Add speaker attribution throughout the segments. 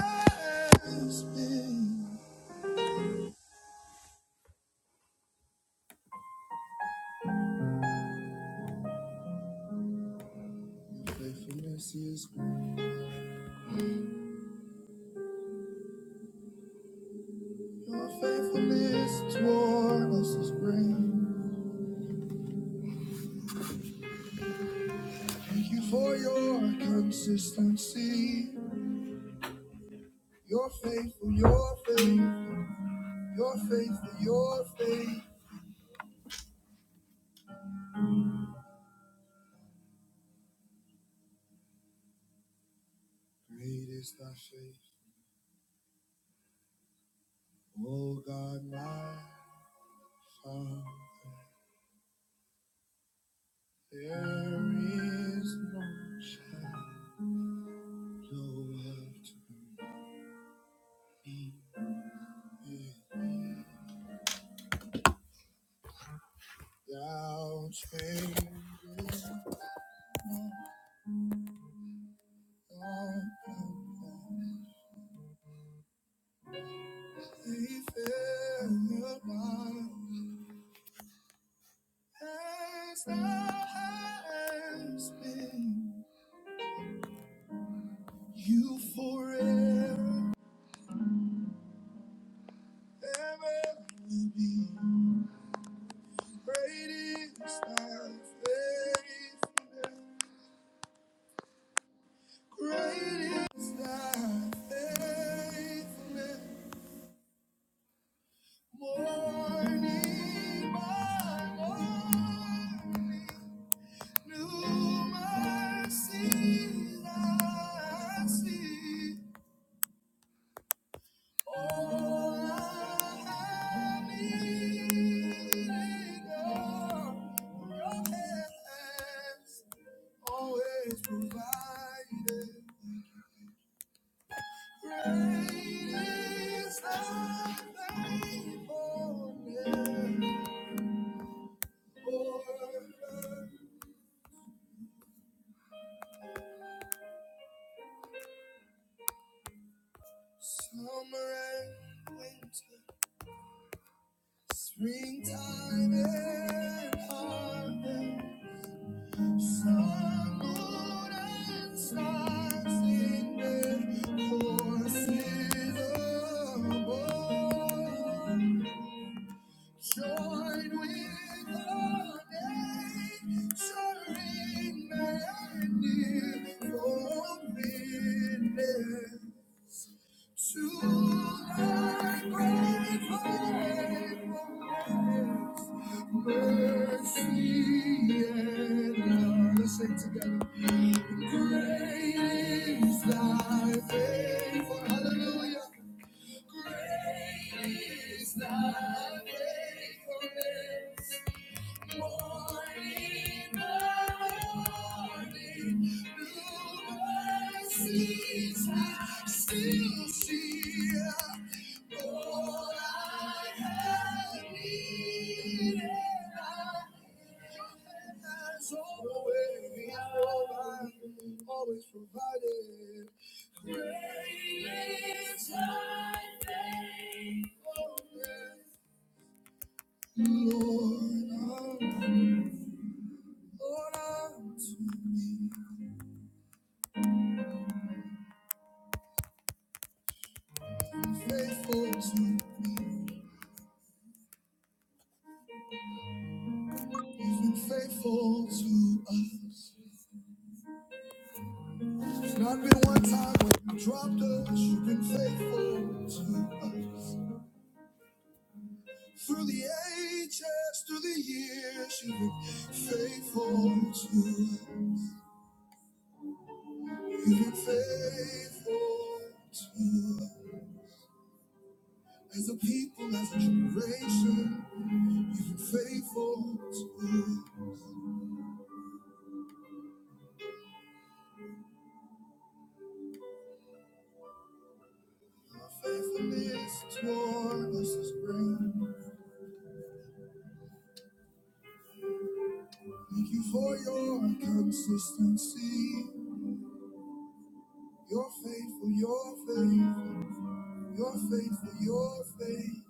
Speaker 1: Your faithfulness toward us is great. Thank you for your consistency. Your faithful, your faithful, your faithful, your faith. Great is thy faith. O God, my Father, there is no shadow of turning in thee. Thou changest not, he failed not, as thou hast been, you forever ever will be. Great is thy faithfulness, great is thy faithfulness. Morning by morning, new mercies I see. All I have needed, your hands always provided. Great is thy faithfulness, O Lord. Summer and winter, springtime and harvest, sun, moon, and stars in their courses above. Join with the nurturing man for witness to thy great faithfulness, mercy and love. Let's Sing together. Great is thy faithfulness. Hallelujah. Great is thy faithfulness. Morning by morning, new mercies I still see. All I have needed, I has always, provided, always provided. Great is thy faithfulness, Lord. Lord, I'm too faithful to you. You've been faithful to us. There's not been one time when you dropped us. You've been faithful to us. Through the ages, through the years, you've been faithful to us. You've been faithful to us. As a people, as a generation, you've been faithful to us. Your faithfulness toward us is great. Thank you for your consistency. You're faithful, you're faithful, you're faithful, your faith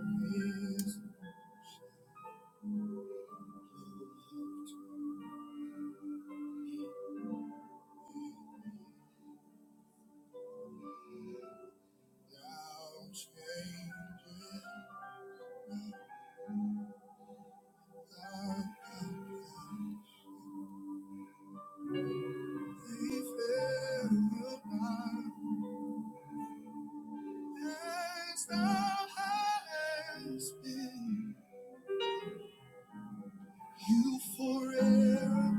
Speaker 1: is now changing. Thy faithful love As thou hast been, you forever,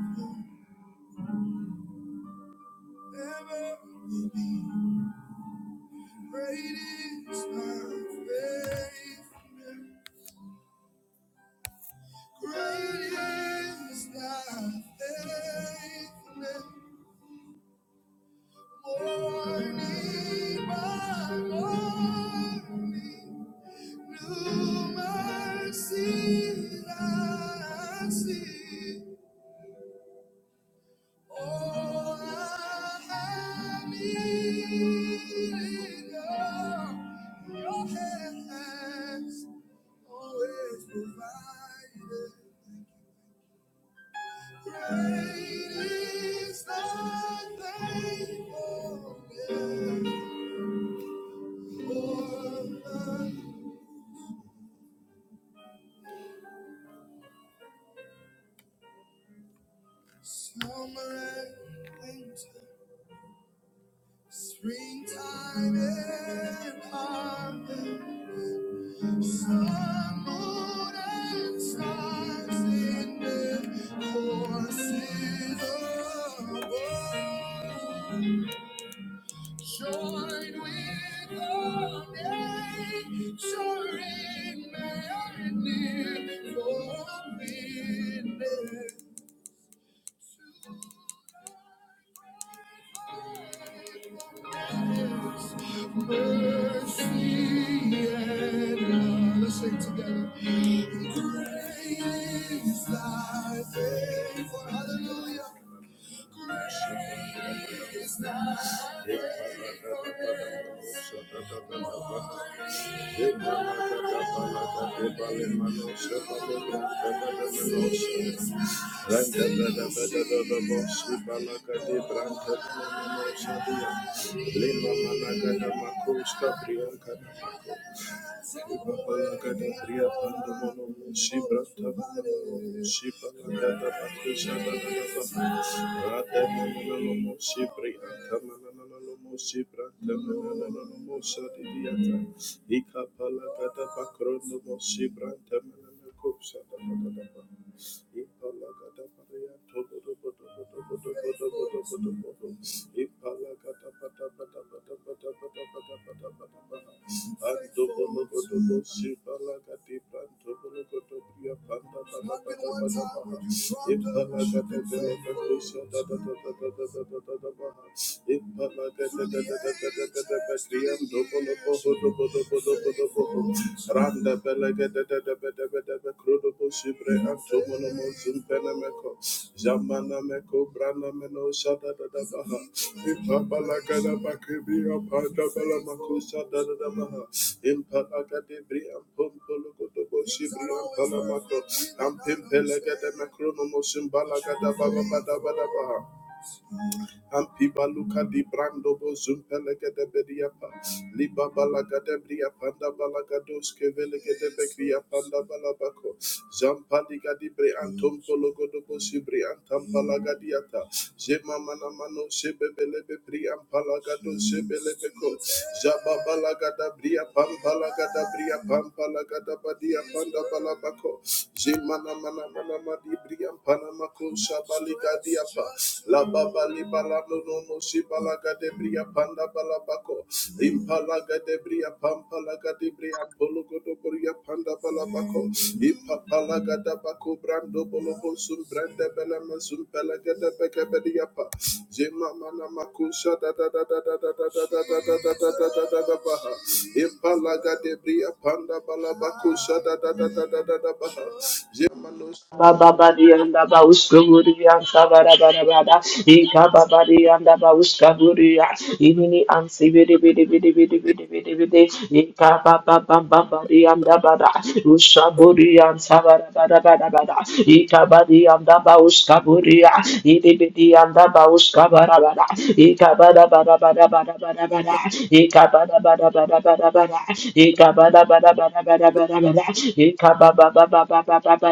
Speaker 1: ever will be. Great is thy faithfulness. Great is thy faithfulness. Morning by morning, new mercy I see. All I have needed, oh, your hands always provided. Thank you. Great is thy faithfulness. Summer and winter, springtime and harvest, sun, moon, and stars in their courses of the world. Join with the nature in madness, for witness to thy great mercy and love. Let's sing together. Great is thy faithful, hallelujah. Great Thank you. Ikapala gada bakrondo mo shibranta manana kopsa da da da da. Ipalagata Randa belega da da da da da da da da Ampiba luka di brando bo zumpelega de bediapa. Liba balaga de bria panda balaga doske de bekria panda balabako. Zampaliga di bre antom pologo do bo sibri antam balaga Zema mana mano sebebele be bri ampalaga do sebele Zaba balaga da bria pam balaga da bria pam balaga da badia panda balabako. Zemana mana mana madi bri panamako sabali Ligadiapa, La Baba Libalano no no no Shibalaga de Bria Panda Balabaco, Impalaga de Bria Pampalaga de Bria Bologo do Bria Panda Balabaco, Impapalaga da Baco Brando Bolobo Sum Branda Belama Sum Pelaga de Beca Bediapa, Jema Mana Makusha da da da da da da da da da da da da da da da da Baha, Impalaga de Bria Panda Balabaco Shada da da da da da da Baha, Jemanos.
Speaker 2: Baba bari anda bauska buri ansa Bababadi and Abauskaburi and Sabarabarabada, Ikababadi buri Abauskaburia, Imini and Sibidi Bidi Bidi Bidi Bidi Bidi Bidi, Ikababababadi and Abada, Ushaburi and Sabarabarabada, Ikabadi and Abauskaburia, Idibidi and Abauskabarabada, Ikabadabadabadabada, Ikabadabadabadabada, Ikabadabadabadabada,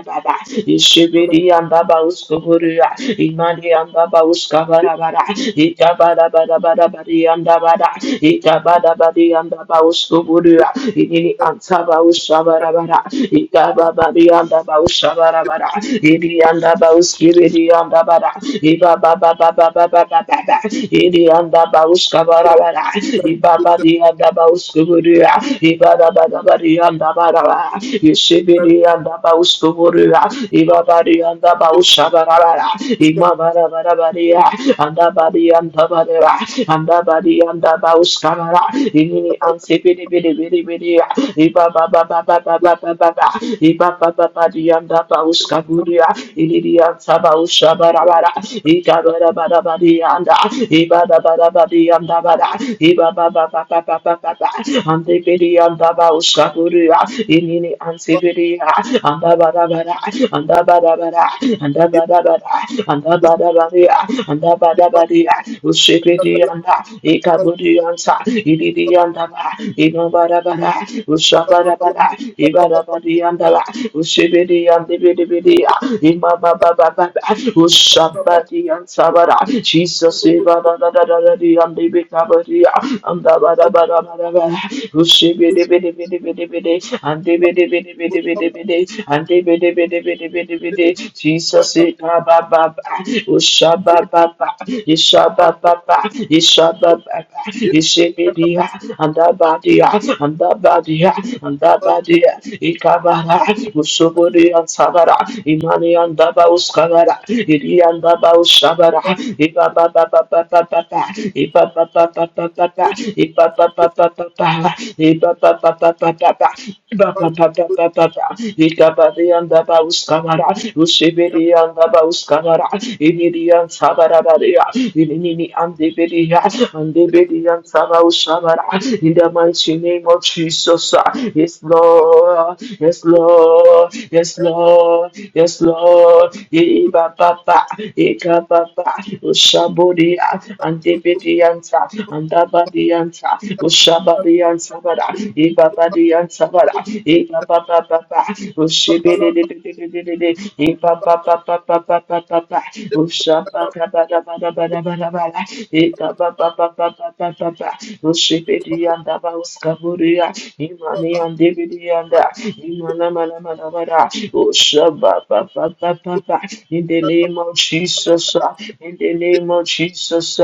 Speaker 2: baba, ishibidi ambaba uskuburia, imandi ambaba uskabarabara, itabada bada bada badi andabada, itabada badi andaba uskuburia, ini antaba uskabarabara, itababa di andaba uskabarabara, ini andaba uskibidi andabada, ibaba baba baba baba baba, ini andaba uskabarabara, ibaba di andaba uskuburia, ibada bada badi andabara, Ibiri anda bauskuburia, Ibabari anda baushabarabara, Imabarabarabari anda bari anda barera, anda bari anda bauskabara, Imini ansipiri biri biri biri, Ibabababababababa, Ibabababari anda bauskaburia, Ibiri anda baushabarabara, Ikabarabarabari anda, Ibarabarabari anda bara, Ibababababababa, Ande biri anda bauskaburia, inini ansibiri anda bara bara anda bara bara anda bara bara anda bara bara anda bara bara usibiri anda ikaburi ansa idiri anda ba ino bara bara usabara bara ibara bari anda ba usibiri andi biri biri ima ba ba ba ba
Speaker 1: Thank
Speaker 2: usabari ansa bara Jesus ibara da da da da di andi bikaburi anda bara bara bara bara Ushibidi Jesus Baba Ushaba Baba Ishaba Baba Ishaba Baba Ishibidia and Abadia and Abadia and Abadia Ikabara Usuburi and Sabara Imani and Daba Uskabara Idi and Daba Ushabara Iba Baba Baba Baba Iba Baba Baba Baba Iba Baba Baba in the mighty name of Jesus, ah. yes, Lord, yes, Lord, yes, Lord, yes, Lord, Ye ba ba ba, ye ka ba ba, ushabodia, and debedianta, and Ushabadiyan Sabada, Ibabadiyan Sabada, Ibabababa, Ushibidididididididi, Ibabababababababa, Ushabakabadabadabadabadabada, Ikabababababababa, Ushibidiyandaba Uskaburiya, Imaniyandibidiyanda, Imanamanamanamanada, Ushababababababa. In the name of Jesus, uh, in the name of Jesus,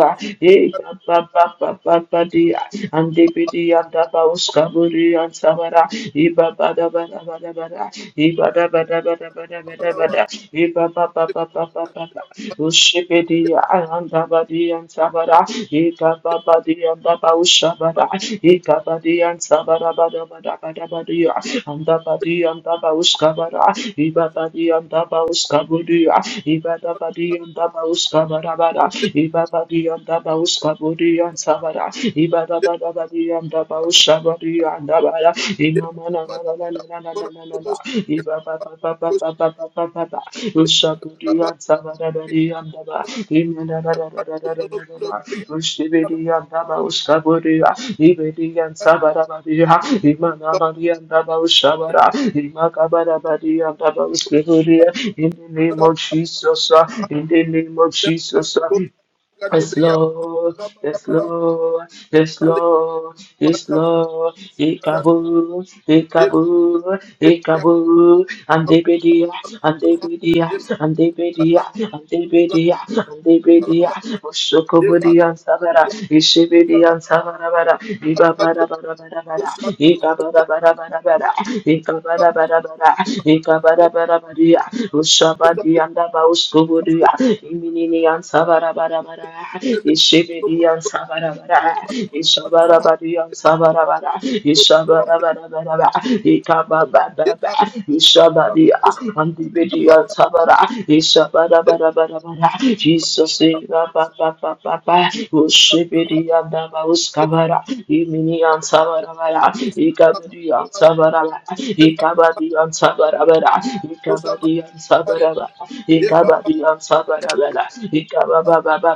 Speaker 2: Badia, and Debidi and Dabaus Kaburi and Savara, Iba Bada Bada Bada Bada, Iba Bada Bada Bada Bada Bada, Iba Baba Baba Baba, Ushibidi and Dabadi and Savara, Ika Babadi and Dabaus Shabada, Ika Badi and Savara Bada Bada Bada Badia, and Dabadi and Dabaus Kabara, Iba Badi and Dabaus Kabudia, Iba Dabadi and Dabaus Kabara Bada, Baus Kabudi and Sabada, Ibaba Babadi and Baus Sabadi and Dabada, Imamana Nananana, Ibaba Baba Baba Baba Ushabudi and Sabada and Daba, Imana Ushibidi and Daba Uskabudi, Ibidi and Sabada Badia, Imana and Daba Ushabara, Imakabada Badia and Daba Uskabudi, in the name of
Speaker 1: you.
Speaker 2: Jesus, uh, in the name of Jesus, uh, Yes, Lord, yes, Lord, yes, Lord, yes, Lord, Ikaboo, Ikaboo, Ikaboo, and Debedia, and Debedia, and Debedia, and Debedia, and Debedia, Ushokobudi and Savara, Ishibidi and Savarabara, Ibabara Barabara, Ikabara Barabara, Ikabara Barabara, Ikabara
Speaker 1: If
Speaker 2: Barabaria, Ushabadi and Abauskobudia, Iminiyan sabarabara, Ishibidiyan sabarabara, Ishabarabadiyan sabarabara, Ishabarabara, Ikabababa, Ishabadia, Antibidiyan sabara, Ishabarabara, Jesus, Papa, Ushibidiyan daba uskabara, Iminiyan sabarabara, Ikabadiyan sabara Ikabadiyan sabarabara, Ikabadiyan sabara baba, ikabadiyan sabara bala, ikababa baba,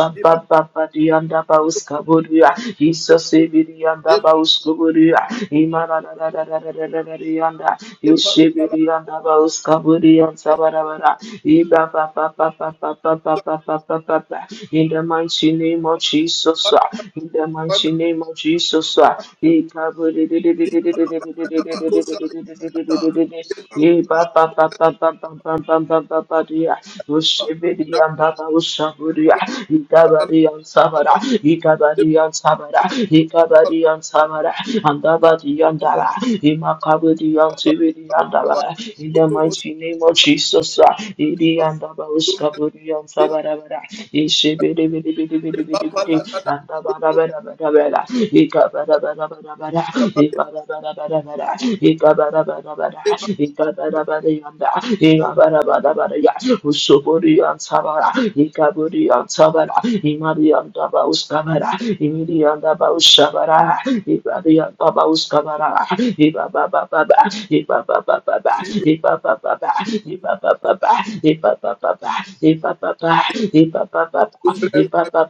Speaker 1: Thank
Speaker 2: baba diyanda ba uskaburuya, Jesus ibiriyanda ba uskuburuya, imara la la la la la la la diyanda, ishibiriyanda ba uskaburiyan sabara bala, ibaba baba baba baba baba baba baba, in the mighty name of Jesus, ah, in the mighty name of Jesus, ah, ikaburiya. In the mighty name of Jesus, and Ika Ika Ika Ika bara bara bara bara, bara bara yanda, ika bara bara bara ya, usuburi yanda bara, ika buri yanda bara, ya. yanda ba uskabara, imiri yanda ba ushabara, ibari yanda ba uskabara, iba ba Ibaba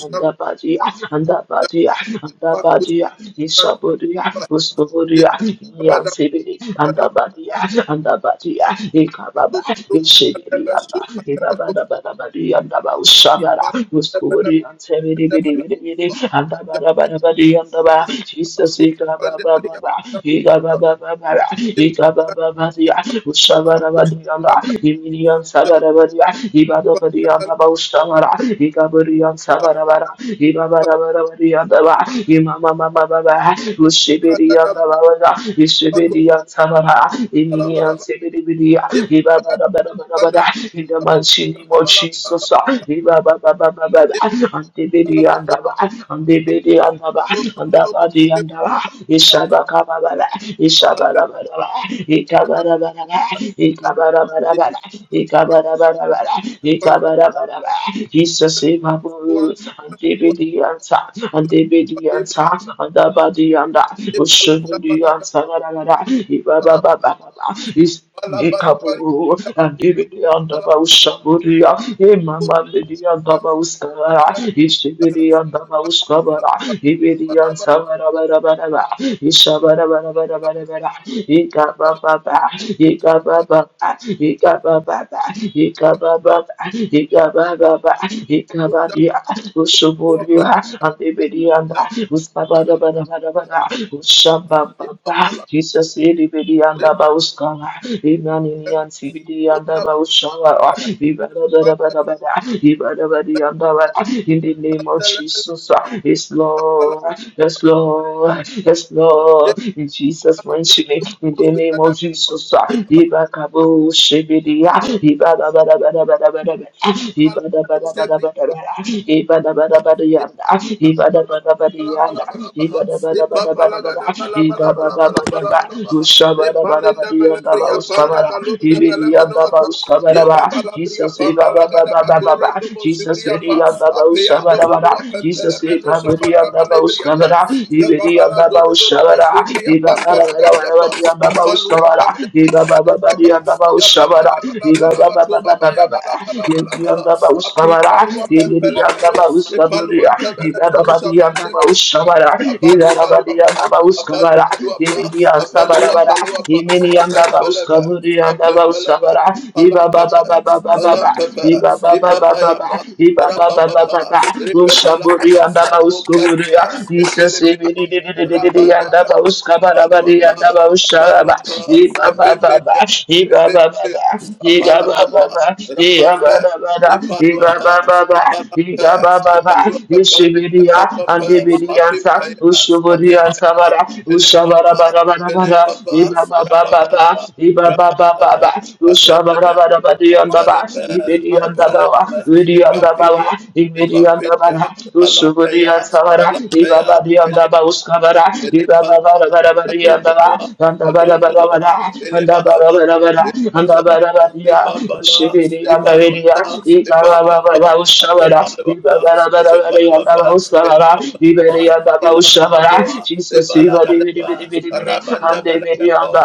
Speaker 2: and the body, and the body, and ba body, Isabodia, Ustovodia, Ian Sibidi, and Abadia, and Abadia, Ikababa, Ishibidi, and Ibabadabadabadi, and Abau Shabara, Ustovodi, and Sebidi, Bidi, Bidi, Bidi, and
Speaker 1: you.
Speaker 2: Abadabadabadi, and Abba, Jesus, Ikababa, Ikababa, Ikabababadia, Ushabarabadianda, Iminian Sabarabadia, Ibadabadianda, Baustavara, Ikaburian Sabarabara, Yandaba, Imama Mama Baba, Ushibidi Yandaba, Ushibidi Yantababa, Imini Antibidi, Ibaba Bada in the Manchini Jesus, Ibaba Baba Baba, Antibidi Yandaba, Antibidi Yandaba, Andabadi Yandaba, Ishabaka Baba, Ishabara Baba, Ikabara Baba, Ikabara Baba, Ikabara Baba, Ikabara Baba, Jesus, Ibaba Andebedianta, Andebedianta, Andabadianda,
Speaker 1: Thank you.
Speaker 2: Ushubudianta, Gadagada, Ibababababa, Is- Ikaburu, Andebedianda, Ushaburia, Imamandedianda, Uskara, Ishibidianda, Uskabara, Ibidianta, Barabarabara, Ishabarabarabara, Ikabababa, Ikabababa, Ikabababa, Ikabababa, Baba, Ikabaria, Ushuburia, Antibedianda, Ustabadabadabadabada, Ushambababa, Jesus, Ilibedianda, Bauskala, Imaninian, Tibidianda, Baushala, Ibadabadabadabada, Ibadabadianda, in the name of Jesus, uh, yes, Lord, yes, Lord, yes, Lord, in Jesus' mighty name, in the name of Jesus, Ibakabo, Shebedia,
Speaker 1: Thank you. Ipalinda belebria panda balunda belemenoata. Ye baba la bria
Speaker 2: Jesus, Jesus,
Speaker 1: pamba la gada bakorondo bo sibria pa. Apeando bolua pempele menu sabanda balebria pa. Ye baba la dodo dodo bo sibria pampa la gadia pa.
Speaker 2: Jesus,
Speaker 1: Apaluan ya
Speaker 2: Jesus, Yandaba
Speaker 1: ya baba
Speaker 2: Ushabara,
Speaker 1: la bala bala
Speaker 2: Ibaba
Speaker 1: bako
Speaker 2: Baba Baba
Speaker 1: baba
Speaker 2: Baba,
Speaker 1: Menusaba,
Speaker 2: Yandaba
Speaker 1: Yababalabalabalabakuba, Yabalabalabalaba,
Speaker 2: Uskabara,
Speaker 1: Apimanua Pempelemeno,
Speaker 2: Yandaba Uskaburia,
Speaker 1: Ipaluan Tebelemeno,
Speaker 2: Ibaba
Speaker 1: Sabande
Speaker 2: Yandaba
Speaker 1: Belemeno,
Speaker 2: Ushabara,
Speaker 1: Abandu
Speaker 2: Ibaba
Speaker 1: Baluapa,
Speaker 2: Yandaba
Speaker 1: Abandu
Speaker 2: Uskabara,
Speaker 1: Baluapa,
Speaker 2: Ibidian
Speaker 1: Abandu
Speaker 2: Sabarabara,
Speaker 1: Apaluapa,
Speaker 2: Imini Yandaba
Speaker 1: Apempelebe,
Speaker 2: Uskaburi Yandaba
Speaker 1: Apempelebe,
Speaker 2: Uskabara, Ibaba
Speaker 1: Palampepe,
Speaker 2: Baba Baba Baba,
Speaker 1: Palampepe,
Speaker 2: Ibaba Baba Baba,
Speaker 1: Ipapayapa,
Speaker 2: Ibaba Baba
Speaker 1: Rapapapa,
Speaker 2: Baba,
Speaker 1: Ripepalaba,
Speaker 2: Ushaburi Yandaba
Speaker 1: Apumpelebe,
Speaker 2: Uskuburia, Jesus
Speaker 1: Ipilipi,
Speaker 2: Ibidi
Speaker 1: Rapandebe,
Speaker 2: Yandaba
Speaker 1: apa.
Speaker 2: Uskabara,
Speaker 1: Palapa, Epepelia,
Speaker 2: Iba
Speaker 1: Epepelia, Apalapa, Rapampa, Epaluapa, Epalampa, Epaluapa, Epalampa, Apimpea, Apimpea, Pelepapa, Pelepapa, Rapapalapa, Rapapalapa, Apelebe, Apalabas, Apalabas, Ipampilia, Ipampilia, Palampea, Palampea, Elepalaba,
Speaker 2: Iba
Speaker 1: Elepalaba,
Speaker 2: bara bara bara ya bara
Speaker 1: Adondoloa,
Speaker 2: anda bara bara
Speaker 1: Adondoloa,
Speaker 2: bara anda bara
Speaker 1: Elebakaba,
Speaker 2: bara bara anda
Speaker 1: Elebakaba,
Speaker 2: bara bara ya
Speaker 1: Lepambala,
Speaker 2: shibiri anda biri ya
Speaker 1: Lepaluapa,
Speaker 2: ika bara
Speaker 1: Lepaluapa,
Speaker 2: bara ushabara iba
Speaker 1: Azembaluapa,
Speaker 2: bara bara bara ya
Speaker 1: Azembaluapa,
Speaker 2: anda ushabara ibiri
Speaker 1: Elebabalaba,
Speaker 2: ya bara ushabara
Speaker 1: Ilabababoa,
Speaker 2: Jesus ibiri biri
Speaker 1: Ebalagadaba,
Speaker 2: biri biri biri
Speaker 1: Rabanda
Speaker 2: anda biri
Speaker 1: Balabako,
Speaker 2: anda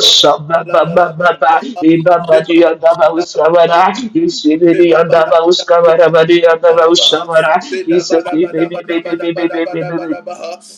Speaker 2: ushabara ba ba ba ba iba bari ya bara ushabara ishibiri ya bara ushabara bari ya bara ushabara Jesus ibiri biri biri biri biri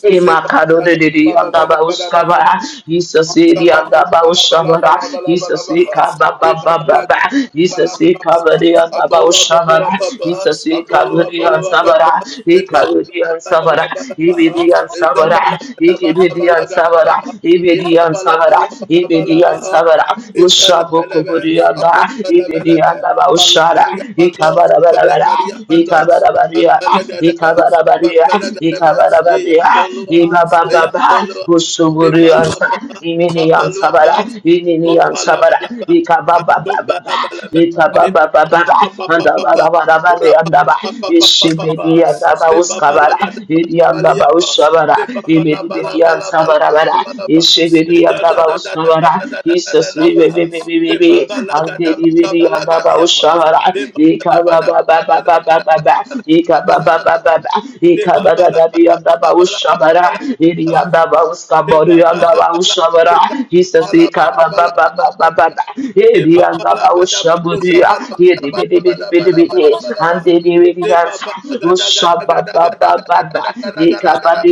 Speaker 2: Imakadodedede yandabauskabara. Jesus idi yandabauskabara. Jesus ikababababa. Jesus ikabadi
Speaker 1: Abola
Speaker 2: yandabauskabara.
Speaker 1: bolo papa,
Speaker 2: Jesus
Speaker 1: abolo
Speaker 2: ikabadi
Speaker 1: abolo papa,
Speaker 2: yansabara.
Speaker 1: e baba
Speaker 2: Ikabadi
Speaker 1: la bala bala
Speaker 2: yansabara.
Speaker 1: bala baha,
Speaker 2: Ibidi
Speaker 1: e jaba la
Speaker 2: yansabara.
Speaker 1: gada baka
Speaker 2: Ikibidi
Speaker 1: bala gada
Speaker 2: yansabara.
Speaker 1: baha, e
Speaker 2: Ibidi
Speaker 1: baba la
Speaker 2: yansabara.
Speaker 1: bala bala bala
Speaker 2: Ibidi
Speaker 1: baha,
Speaker 2: yansabara.
Speaker 1: apempele belebe,
Speaker 2: Ushabukubudi yanda.
Speaker 1: apempele
Speaker 2: Ibidi
Speaker 1: belebe, pala
Speaker 2: yandabauskara.
Speaker 1: paria pando, pala
Speaker 2: Ikabarabarabara.
Speaker 1: paria pando,
Speaker 2: Ikabarabaria.
Speaker 1: apempele gadebe,
Speaker 2: Ikabarabaria. Maria,
Speaker 1: apempele gadebe,
Speaker 2: Ikabara
Speaker 1: e
Speaker 2: Maria,
Speaker 1: yampolua,
Speaker 2: Ikaba
Speaker 1: e
Speaker 2: Baba,
Speaker 1: yampolua,
Speaker 2: Usuguri Anta,
Speaker 1: Repalua,
Speaker 2: Imini
Speaker 1: Papa
Speaker 2: Ansabara,
Speaker 1: Luapa,
Speaker 2: Imini Ansabara,
Speaker 1: Sumbalabalaba,
Speaker 2: Ikaba Baba Baba,
Speaker 1: Sumbalabalaba,
Speaker 2: Ikaba Baba Baba, and
Speaker 1: Epapapapapapa,
Speaker 2: Abara Baba, and Abba,
Speaker 1: Rapapapapapapa,
Speaker 2: Ishibidi and Abba Uskabara, Idiandaba
Speaker 1: Sebabalagadabalabaliapa,
Speaker 2: Ushabara, Ibidi Ansabara,
Speaker 1: Sebabalabalabalabalabalaba,
Speaker 2: Ishibidi and Abba Uskabara, Jesus,
Speaker 1: Ejadadadadadadadadadadadaba,
Speaker 2: Bibi, and Bidi and Abba
Speaker 1: Sebabalagadabalagadiapa,
Speaker 2: Ushabara, Ikaba Baba Baba Baba Baba, Eka baba baba
Speaker 1: Sebabadabadabadabadabadabadabadabadabadabadaba,
Speaker 2: ba ba ba.
Speaker 1: De de
Speaker 2: Ika
Speaker 1: ba
Speaker 2: ba
Speaker 1: ba
Speaker 2: da da
Speaker 1: ba
Speaker 2: di yanda ba
Speaker 1: ba la ba la
Speaker 2: usha ba
Speaker 1: ba
Speaker 2: da.
Speaker 1: la ba, la ba la ba
Speaker 2: Iri
Speaker 1: la
Speaker 2: yanda ba
Speaker 1: ba
Speaker 2: uska
Speaker 1: De
Speaker 2: ba
Speaker 1: ba
Speaker 2: ri
Speaker 1: ba
Speaker 2: yanda
Speaker 1: la
Speaker 2: ba
Speaker 1: ba la
Speaker 2: usha ba
Speaker 1: ba
Speaker 2: da.
Speaker 1: la ba
Speaker 2: Jesus
Speaker 1: la ba
Speaker 2: Ika
Speaker 1: la
Speaker 2: ba
Speaker 1: ba
Speaker 2: ba
Speaker 1: la ba la ba
Speaker 2: ba ba
Speaker 1: la ba
Speaker 2: ba
Speaker 1: la Sheba
Speaker 2: ba ba.
Speaker 1: De
Speaker 2: Iri yanda
Speaker 1: babala
Speaker 2: ba
Speaker 1: gada
Speaker 2: usha bu di
Speaker 1: bakosha
Speaker 2: ya.
Speaker 1: bala bala
Speaker 2: Iri bi di
Speaker 1: bala
Speaker 2: bi di
Speaker 1: bala
Speaker 2: bi di
Speaker 1: bala
Speaker 2: bi di.
Speaker 1: bala bala bala.
Speaker 2: Ante di bi di yanda.
Speaker 1: Deba balaga gada
Speaker 2: Usha
Speaker 1: gada
Speaker 2: ba
Speaker 1: gada
Speaker 2: ba ba
Speaker 1: gada
Speaker 2: ba
Speaker 1: gada gada gada gada.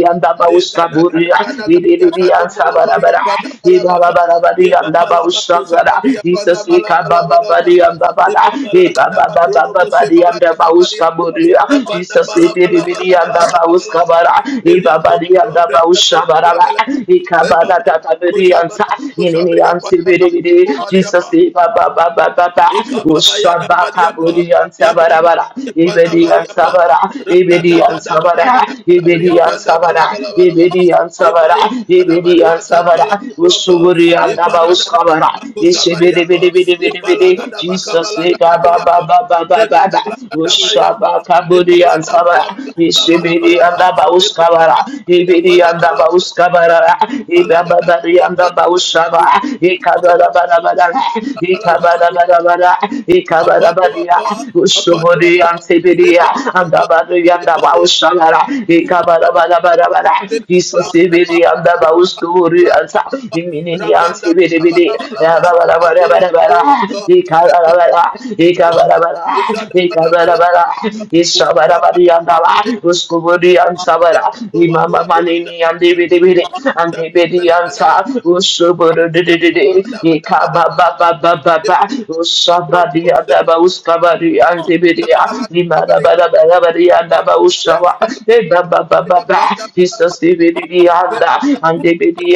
Speaker 1: da De gada gada gada gada ya kado ga dia kando bolo bori ya panda bala baka. Ye baba la bari ya panda
Speaker 2: Jesus
Speaker 1: bala
Speaker 2: Ika ba
Speaker 1: bala
Speaker 2: ba
Speaker 1: bala
Speaker 2: ba
Speaker 1: bala.
Speaker 2: di yanda ba
Speaker 1: De
Speaker 2: da.
Speaker 1: babala gada
Speaker 2: Iba
Speaker 1: ga da
Speaker 2: babadi
Speaker 1: bala
Speaker 2: and the
Speaker 1: gada da bari ya
Speaker 2: bauska
Speaker 1: pa. Da
Speaker 2: buria.
Speaker 1: panda
Speaker 2: Jesus
Speaker 1: bala bala bala
Speaker 2: ibiribiri and
Speaker 1: bala
Speaker 2: the
Speaker 1: bala bala
Speaker 2: bauska
Speaker 1: bala.
Speaker 2: bara.
Speaker 1: De yando
Speaker 2: Ibabadi and
Speaker 1: balo
Speaker 2: the
Speaker 1: abrenda bala
Speaker 2: bausha bara. E
Speaker 1: bala
Speaker 2: kabada tatabiri
Speaker 1: bala.
Speaker 2: and
Speaker 1: bala.
Speaker 2: sa. Inini
Speaker 1: Kusabriya
Speaker 2: and
Speaker 1: panda ba-
Speaker 2: sibiribiri.
Speaker 1: kobaliya
Speaker 2: Jesus
Speaker 1: pa.
Speaker 2: e baba
Speaker 1: Ikaba baya da
Speaker 2: Ushabaka
Speaker 1: badiya pa.
Speaker 2: buri and sabara bara.
Speaker 1: Yabanda
Speaker 2: bara.
Speaker 1: ya panda
Speaker 2: Ibedi and
Speaker 1: bariya pa.
Speaker 2: sabara.
Speaker 1: Rada da
Speaker 2: Ibedi
Speaker 1: da
Speaker 2: and
Speaker 1: da ba
Speaker 2: sabara.
Speaker 1: da ba da ba da bariya
Speaker 2: Ibedi and
Speaker 1: panda
Speaker 2: sabara.
Speaker 1: bala bala bala la ba la ba.
Speaker 2: Ibedi and sabara.
Speaker 1: Ibaya ba da ba
Speaker 2: Ibedi and
Speaker 1: bala
Speaker 2: sabara.
Speaker 1: bala la ba la pa.
Speaker 2: Usuburi and the
Speaker 1: Ipara da da
Speaker 2: bauska
Speaker 1: da da
Speaker 2: bara.
Speaker 1: ba kusa bariya pa. Ipala ga
Speaker 2: Isibiribiribiribiri.
Speaker 1: da ba
Speaker 2: Jesus
Speaker 1: ka ba la ga da
Speaker 2: Sika baba
Speaker 1: bariya pa.
Speaker 2: baba baba ba ba
Speaker 1: Iba
Speaker 2: ba
Speaker 1: ba la ga da
Speaker 3: Give
Speaker 1: bariya
Speaker 2: Ushaba
Speaker 1: pa.
Speaker 2: kabudi
Speaker 1: Ipalanda
Speaker 2: ansaba.
Speaker 1: bala bala
Speaker 3: me
Speaker 1: bala
Speaker 3: strength,
Speaker 1: bala bala la ba
Speaker 2: Ishibidi
Speaker 1: la ba.
Speaker 2: anda ba
Speaker 1: Ipala
Speaker 2: uskabara.
Speaker 1: ga da bariya
Speaker 2: Ibidi
Speaker 1: panda
Speaker 2: anda
Speaker 1: bala
Speaker 2: ba
Speaker 1: bala
Speaker 2: uskabara.
Speaker 1: bala la ba la ga
Speaker 2: Ibaba
Speaker 1: da
Speaker 2: bari
Speaker 1: bariya
Speaker 2: anda
Speaker 1: pa.
Speaker 2: ba ushaba.
Speaker 3: give
Speaker 2: Ikabara bara bara.
Speaker 3: me
Speaker 1: Ipala
Speaker 2: Ikabara
Speaker 3: strength,
Speaker 2: bara bara. Ikabara
Speaker 1: upon the
Speaker 2: bari.
Speaker 1: upper, upon the
Speaker 2: Ushubudi
Speaker 1: upper,
Speaker 2: ansibidi.
Speaker 1: Lepalianta,
Speaker 2: Anda bari anda ba
Speaker 1: Lepalianta,
Speaker 2: ushara.
Speaker 3: give
Speaker 2: Ikabara bara bara bara.
Speaker 1: Lepalakadaba,
Speaker 2: Isosibidi anda ba uskuri ansa.
Speaker 1: Lepalakadaba,
Speaker 2: Iminini
Speaker 1: Rabanda
Speaker 2: ansibidi bidi.
Speaker 1: Balabalaba,
Speaker 2: Jesus, and they
Speaker 1: Apollanduata,
Speaker 2: be
Speaker 3: me strength.
Speaker 1: Lepalabalabalaba, Ishada Balabalaba, Shabalagadabayadaba, Lepandua Duanda, Rabalunda, Belebelebelebelebele, Yabada Bada Bada Bada, Lepalakadaba, Chronobo, Zebala
Speaker 2: the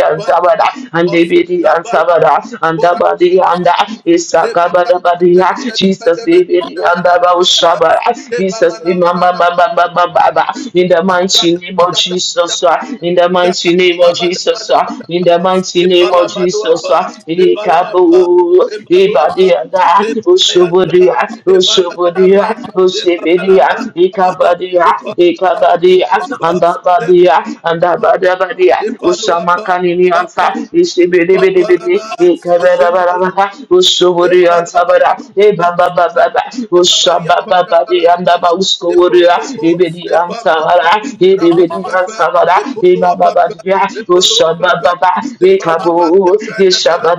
Speaker 2: and they be the Sabada, and Abadi and Isakabada Badia, Jesus, Ibidi and Baba Shaba, Jesus, Imamba Baba, Baba, in the mighty name of Jesus, uh, in the mighty name of Jesus, uh, in the mighty name of Jesus, uh, Ikabu, Ibadi and Ushubudia, Ushubudia, Ushibidia, Ikabadia, Ikabadia, and Abadia, and Abadabadia,
Speaker 1: Ipaluapa,
Speaker 2: Usamakani, yansa
Speaker 1: Pampalaba,
Speaker 2: işte beni beni beni
Speaker 1: Pampalaba,
Speaker 2: e kamera bara
Speaker 1: Zimbalaba,
Speaker 2: baba, ustu baba. bara e
Speaker 1: Ipalabalaba,
Speaker 2: ba ba ba ba ba usta
Speaker 1: Zabalabaria
Speaker 2: baba. ba ba baba? yanda ba
Speaker 1: Pandabalabalaba,
Speaker 2: ustu vuruyor e
Speaker 1: Ipompopo,
Speaker 2: beni yansa
Speaker 1: Ipampapa,
Speaker 2: bara e de beni
Speaker 1: Rapampepe,
Speaker 2: yansa bara e ba ba ba
Speaker 1: Ipoluapampe,
Speaker 2: diyor usta ba
Speaker 1: Ipoluapampe,
Speaker 2: ba ba e kabu
Speaker 1: Zibalabaria
Speaker 2: e şa ba
Speaker 1: Brandabalabalaba,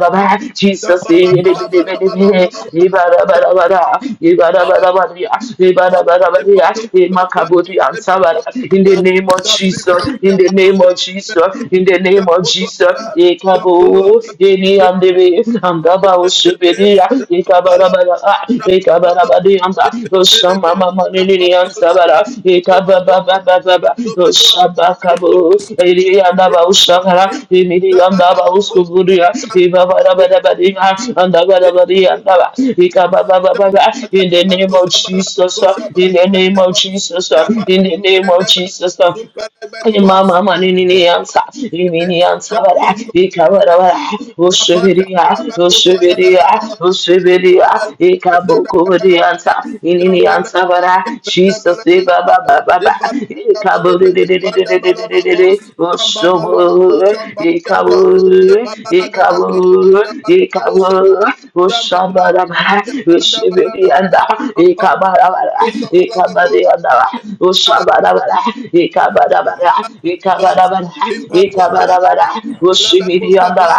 Speaker 2: Jesus e beni beni beni beni e bara bara
Speaker 1: Zambabalabalabalabalaba,
Speaker 2: bara e bara bara bara ya e bara
Speaker 1: the
Speaker 2: bara bara
Speaker 1: Balu
Speaker 2: e
Speaker 1: Baba, the Balu
Speaker 2: in the
Speaker 1: Baba,
Speaker 2: name of
Speaker 1: the
Speaker 2: Jesus in
Speaker 1: Pipia,
Speaker 2: the name
Speaker 1: the
Speaker 2: of Jesus,
Speaker 1: Pipia,
Speaker 2: in the
Speaker 1: the
Speaker 2: name of
Speaker 1: Pulu
Speaker 2: Jesus,
Speaker 1: Baba, the Pulu
Speaker 2: Ekabo,
Speaker 1: Baba,
Speaker 2: Eni Andere, Angaba
Speaker 1: Pelebe,
Speaker 2: Oshibedia,
Speaker 1: Rapapalaba,
Speaker 2: Ekabarabara,
Speaker 1: Rapapalaba,
Speaker 2: Ekabarabadi Anda,
Speaker 1: the Pelebe,
Speaker 2: Oshama Mama Nini
Speaker 1: Rapapalaba,
Speaker 2: Ansabara,
Speaker 1: Domanuapa, and
Speaker 2: Ekabababababa,
Speaker 1: Domanuapa, the
Speaker 2: Oshabakabo,
Speaker 1: Concomaya,
Speaker 2: Eri
Speaker 1: the
Speaker 2: Andaba Oshakara,
Speaker 1: Concomaya,
Speaker 2: Emiri Andaba Oskuburia,
Speaker 1: Zagadabakoa,
Speaker 2: Ebabarabadabadi,
Speaker 1: ba
Speaker 2: Andabadabadi
Speaker 1: ba
Speaker 2: Andaba, Ekababababa, in the name of Jesus, in the name of Jesus, in the name of Jesus, Mama Maninian Sat, Iminian Sabara, Ikabara,
Speaker 1: rapanda
Speaker 2: Ushibiria,
Speaker 1: balabakosa da da
Speaker 2: Ushibiria,
Speaker 1: da da ba.
Speaker 2: Ushibiria,
Speaker 1: Inda balabakosa da da da da
Speaker 2: Ikabukurian
Speaker 1: ba.
Speaker 2: Sat, Ininian
Speaker 1: Jambele
Speaker 2: Sabara,
Speaker 1: balabaria penda
Speaker 2: Jesus,
Speaker 1: bele bele
Speaker 2: Baba Baba,
Speaker 1: bele.
Speaker 2: baba,
Speaker 1: Ibalaga da
Speaker 2: Ikaburi,
Speaker 1: balibria banda balabako. Zamba balabalo
Speaker 2: Ushabu,
Speaker 1: shambaliata, ye
Speaker 2: Ikabu,
Speaker 1: babalagada bria
Speaker 2: Ikabu,
Speaker 1: banda balamano shaba,
Speaker 2: Ikabu,
Speaker 1: bala
Speaker 2: Ushabara,
Speaker 1: bandabalabalaba,
Speaker 2: Ushibirianda,
Speaker 1: apampe,
Speaker 2: Ikabara,
Speaker 1: kosabalabako,
Speaker 2: Ikabarianda,
Speaker 1: kadabakaba, pimpaluapa, alabakoskaba,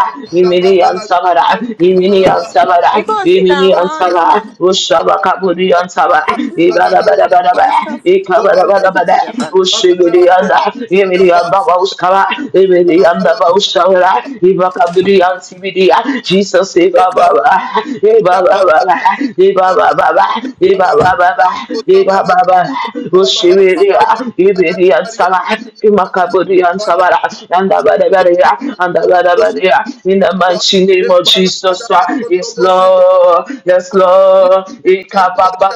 Speaker 1: zababalagabalabalaba,
Speaker 4: You go and sit down. Oh,
Speaker 1: zabaria,
Speaker 4: it's long.
Speaker 1: bandabalabalaba,
Speaker 4: You move. Take
Speaker 1: zabalagabria,
Speaker 4: my stuff. Take
Speaker 1: bandakobaliapa,
Speaker 4: it to the back.
Speaker 1: zabalabakobaliapa, zabalabala,
Speaker 2: Jesus, Baba,
Speaker 1: ekababria,
Speaker 2: Baba,
Speaker 1: bandabalabalaba,
Speaker 2: Baba, Baba, Baba, Baba, Iba baba,
Speaker 1: zabalagakosabalagabalabaha,
Speaker 2: Ushibiriya, Ibiriya
Speaker 1: ebalagadabria,
Speaker 2: Saba, Imakaburiya
Speaker 1: bandabalabalaba,
Speaker 2: Saba, and Sabara, and the
Speaker 1: Ipala
Speaker 2: Badabaria, and the Badabaria, in the mighty name of Jesus. Yes, Lord, yes, Lord, Ika Baba,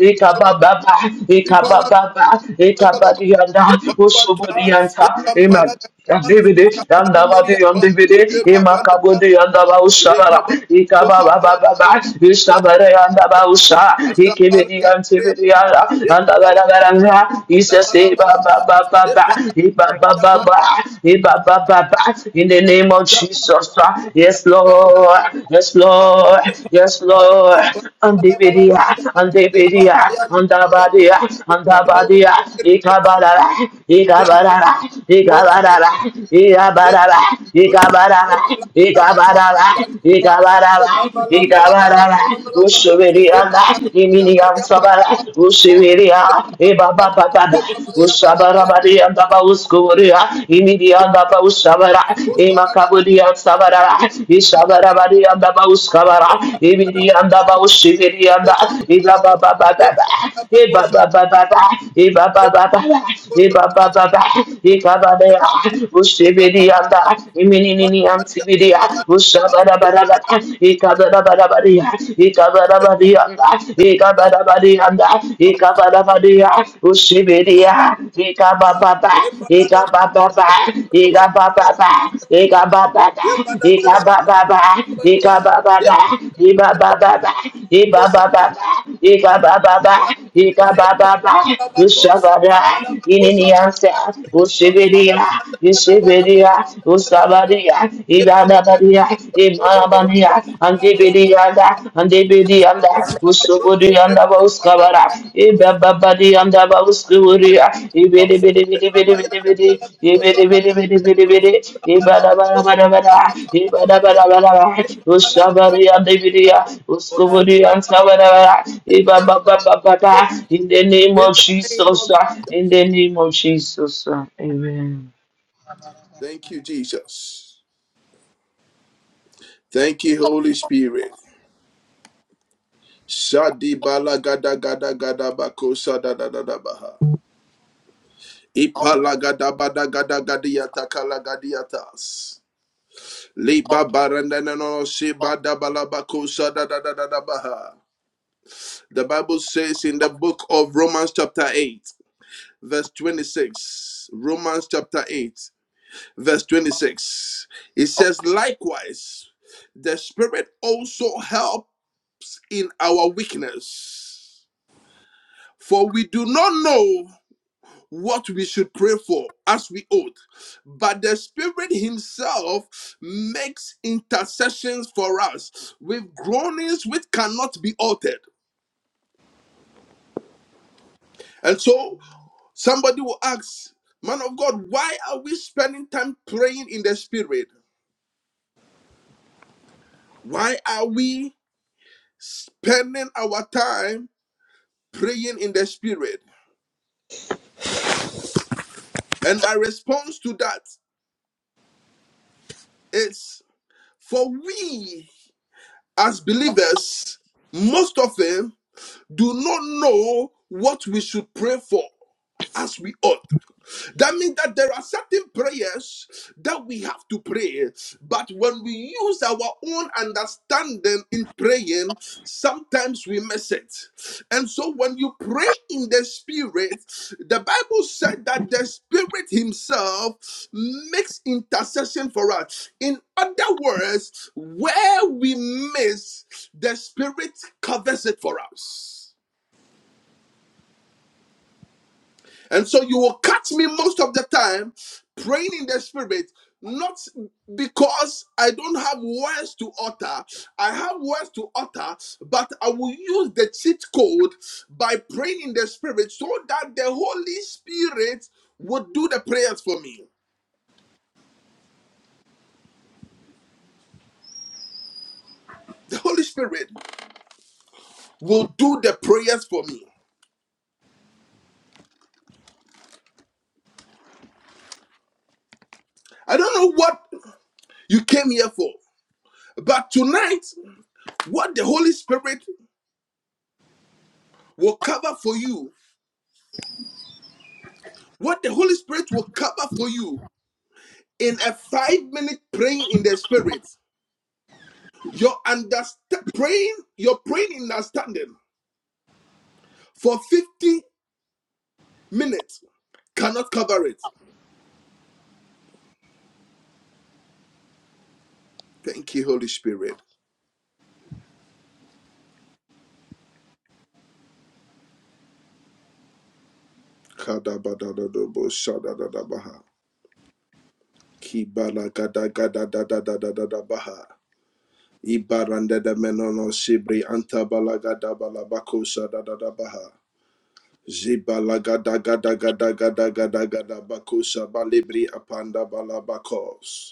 Speaker 2: Ika Baba, Ika Baba, Ika Badianda, Ushuburianta, Amen. Andebede, andabade, andebede, imakabode, andaba ushabara, ikaba baba baba, ishabare, andaba usha, ikebede, antebede, ala, andabara baranga, isese, baba baba baba, iba
Speaker 5: Thank
Speaker 2: baba baba, iba baba In the name of Jesus, ah, yes Lord, yes
Speaker 1: you,
Speaker 2: Lord, yes Lord, andebede, andebede, andabade, andabade,
Speaker 1: Holy Spirit. Thank you,
Speaker 2: ikabara,
Speaker 1: Jembala,
Speaker 2: ikabara,
Speaker 1: Oranda,
Speaker 2: ikabara barara, ira barara,
Speaker 1: Jebabala,
Speaker 2: ika barara,
Speaker 1: Jebala,
Speaker 2: ika
Speaker 1: Kabakaba,
Speaker 2: barara,
Speaker 1: Jadiapa,
Speaker 2: ika barara,
Speaker 1: Jebabala,
Speaker 2: ika
Speaker 1: Bala, Bala,
Speaker 2: barara,
Speaker 1: Bala, Bala, Bala,
Speaker 2: ushubirianda,
Speaker 1: Jebabala,
Speaker 2: imini
Speaker 1: Maria,
Speaker 2: ansabara,
Speaker 1: Panda, Bala,
Speaker 2: ushibiria, eba
Speaker 1: Jebabala,
Speaker 2: baba baba,
Speaker 1: Koba, Maya, Bala,
Speaker 2: ushabara
Speaker 1: Bala,
Speaker 2: bari anda ba uskuburia, imini anda ba
Speaker 1: Jebabala,
Speaker 2: ushabara,
Speaker 1: Kosa,
Speaker 2: ema
Speaker 1: Dada,
Speaker 2: kaburi ansabara,
Speaker 1: Bala,
Speaker 2: ishabara
Speaker 1: Bala,
Speaker 2: bari anda ba uskabara,
Speaker 1: Jebabala,
Speaker 2: imini anda ba ushibirianda,
Speaker 1: Kosa,
Speaker 2: ila
Speaker 1: Bala,
Speaker 2: baba baba.
Speaker 1: Jebabala,
Speaker 2: Eba
Speaker 1: Kosa,
Speaker 2: baba baba, ba ba, eba baba, ba ba
Speaker 1: Bala,
Speaker 2: eba ba ba ba, eka Rushibedianda, Imininian Tibidia, Rushabarabarabata, Ikabarabaria, Ikabarabaria, Ikabarabaria, Ikabarabaria, Rushibidia, Ikabababa, Ikabababa, Ikabababa, Ikabababa, Ikabababa, Ikabababa, Ibababa, Ibababa, Ikabababa, Ikabababa, Rushabara, Ininiansa, Rushibidia, Yeshibidia, Usabadia, Ibadabadia, Imanabadia, Antibidianda,
Speaker 1: Thank you.
Speaker 2: Antibidianda, Usubudianda, Uskabara, Ibabadianda, Uskuria, Ibidibidibidibidibidi, Ibidibidibidibidi, Ibadabadabada, Ibadabadabada, Usabaria, Dividia, Uskubudia, and Sabada, Ibabababada, in the name
Speaker 1: In
Speaker 2: of
Speaker 1: the name
Speaker 2: Jesus,
Speaker 1: of
Speaker 2: uh,
Speaker 1: Jesus.
Speaker 2: in the name of Jesus, uh, amen.
Speaker 1: Thank you, Jesus. Thank you, Holy Spirit. Shadi bala gada gada gada bako sada da da da baha. Ipalagadabadagadagadiatakalagadiatas. Libabarandanano shibadabalabakosadadadadabaha. The Bible says in the book of Romans, chapter 8, verse 26. Romans, chapter 8, verse 26. It says, Likewise, the Spirit also helped in our weakness, for we do not know what we should pray for as we ought. But the Spirit Himself makes intercessions for us with groanings which cannot be uttered. And so somebody will ask, Man of God, why are we spending time praying in the Spirit? Why are we spending our time praying in the Spirit? And my response to that is, For we as believers, most often do not know what we should pray for as we ought. That means that there are certain prayers that we have to pray, but when we use our own understanding in praying, sometimes we miss it. And so, when you pray in the Spirit, the Bible said that the Spirit Himself makes intercession for us. In other words, where we miss, the Spirit covers it for us. And so you will catch me most of the time praying in the spirit, not because I don't have words to utter. I have words to utter, but I will use the cheat code by praying in the spirit so that the Holy Spirit will do the prayers for me. The Holy Spirit will do the prayers for me. I don't know what you came here for, but tonight, what the Holy Spirit will cover for you, what the Holy Spirit will cover for you in a five minute praying in the spirit, your understand praying, your praying in understanding for 50 minutes cannot cover it. Thank you, Holy Spirit. Kadabadadadabo shadadadabaha. Kibalagadagadagadadadadabaha. Ibarandadamenono shibri antabalagadabalabako shadadadabaha. Zibalagadagadagadagadagadagadabakusha balibri apanda balabakos.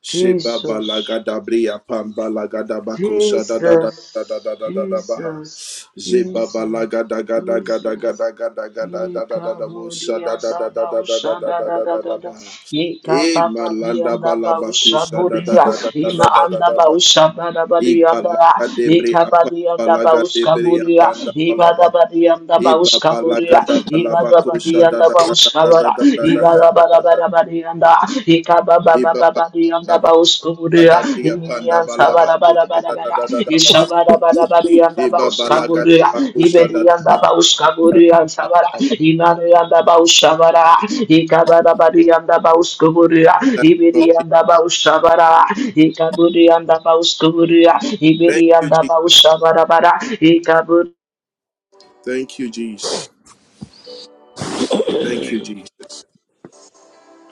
Speaker 1: Sheba
Speaker 2: Jesus,
Speaker 1: balagada bria pamba lagada bakosha da da da da da
Speaker 2: Jesus,
Speaker 1: da da da da baha.
Speaker 2: Jesus,
Speaker 1: Zeba
Speaker 2: Jesus,
Speaker 1: balagada gada gada
Speaker 2: Jesus.
Speaker 1: gada gada gada da da da
Speaker 2: Ika
Speaker 1: da bosha
Speaker 2: badi
Speaker 1: da da
Speaker 2: anda
Speaker 1: da da da da da
Speaker 2: bausa
Speaker 1: da
Speaker 2: da
Speaker 1: da
Speaker 2: da
Speaker 1: da
Speaker 2: da
Speaker 1: da da
Speaker 2: da da.
Speaker 1: baha.
Speaker 2: Ika
Speaker 1: E
Speaker 2: baba di
Speaker 1: malanda
Speaker 2: anda baus
Speaker 1: balabakosha da da
Speaker 2: kaburiya.
Speaker 1: da da da da
Speaker 2: Ima
Speaker 1: da da
Speaker 2: anda
Speaker 1: da baha.
Speaker 2: bausa bara bara
Speaker 1: E
Speaker 2: di anda.
Speaker 1: balagade bria
Speaker 2: Ika badi
Speaker 1: pamba
Speaker 2: anda baus
Speaker 1: lagade bria
Speaker 2: kaburiya.
Speaker 1: panda
Speaker 2: Iba bara
Speaker 1: balabak.
Speaker 2: bara
Speaker 1: E babalagada balabakosha da da da da da da da da da da da da.
Speaker 2: bara bara di anda. Ika baba bara bara bara di anda. Ika baba bara
Speaker 1: Iba
Speaker 2: bara bara di anda. Ika
Speaker 1: Gadabria panda
Speaker 2: baba
Speaker 1: balabaku
Speaker 2: bara
Speaker 1: da
Speaker 2: bara bara di anda. Ika baba bara bara bara
Speaker 1: da
Speaker 2: di anda.
Speaker 1: da da da
Speaker 2: Ika
Speaker 1: baha.
Speaker 2: baba bara
Speaker 1: Iba
Speaker 2: bara bara di anda
Speaker 1: balagadabaku da da da
Speaker 2: ibediyanda
Speaker 1: da da da
Speaker 2: bauskaburiyanta bara
Speaker 1: da baha.
Speaker 2: imaniyanda baushabara ikabara bariyanda bauskuburiya
Speaker 1: In
Speaker 2: ibediyanda baushabara ikaburiyanda ibidi
Speaker 1: the name of
Speaker 2: ibediyanda
Speaker 1: Jesus.
Speaker 2: baushabara bara
Speaker 1: Thank you, Jesus. Thank you, Jesus. Thank you, Jesus.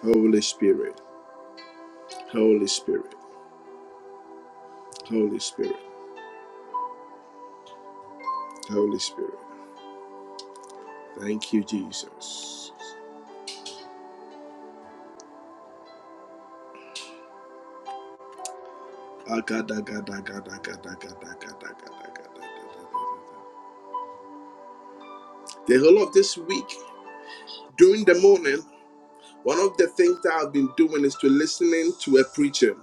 Speaker 1: Holy Spirit. Holy Spirit. Holy Spirit. Holy Spirit. Thank you, Jesus. Agada gada gada gada gada gada gada gada gada. The whole of this week, during the morning, one of the things that I've been doing is to listening to a preacher.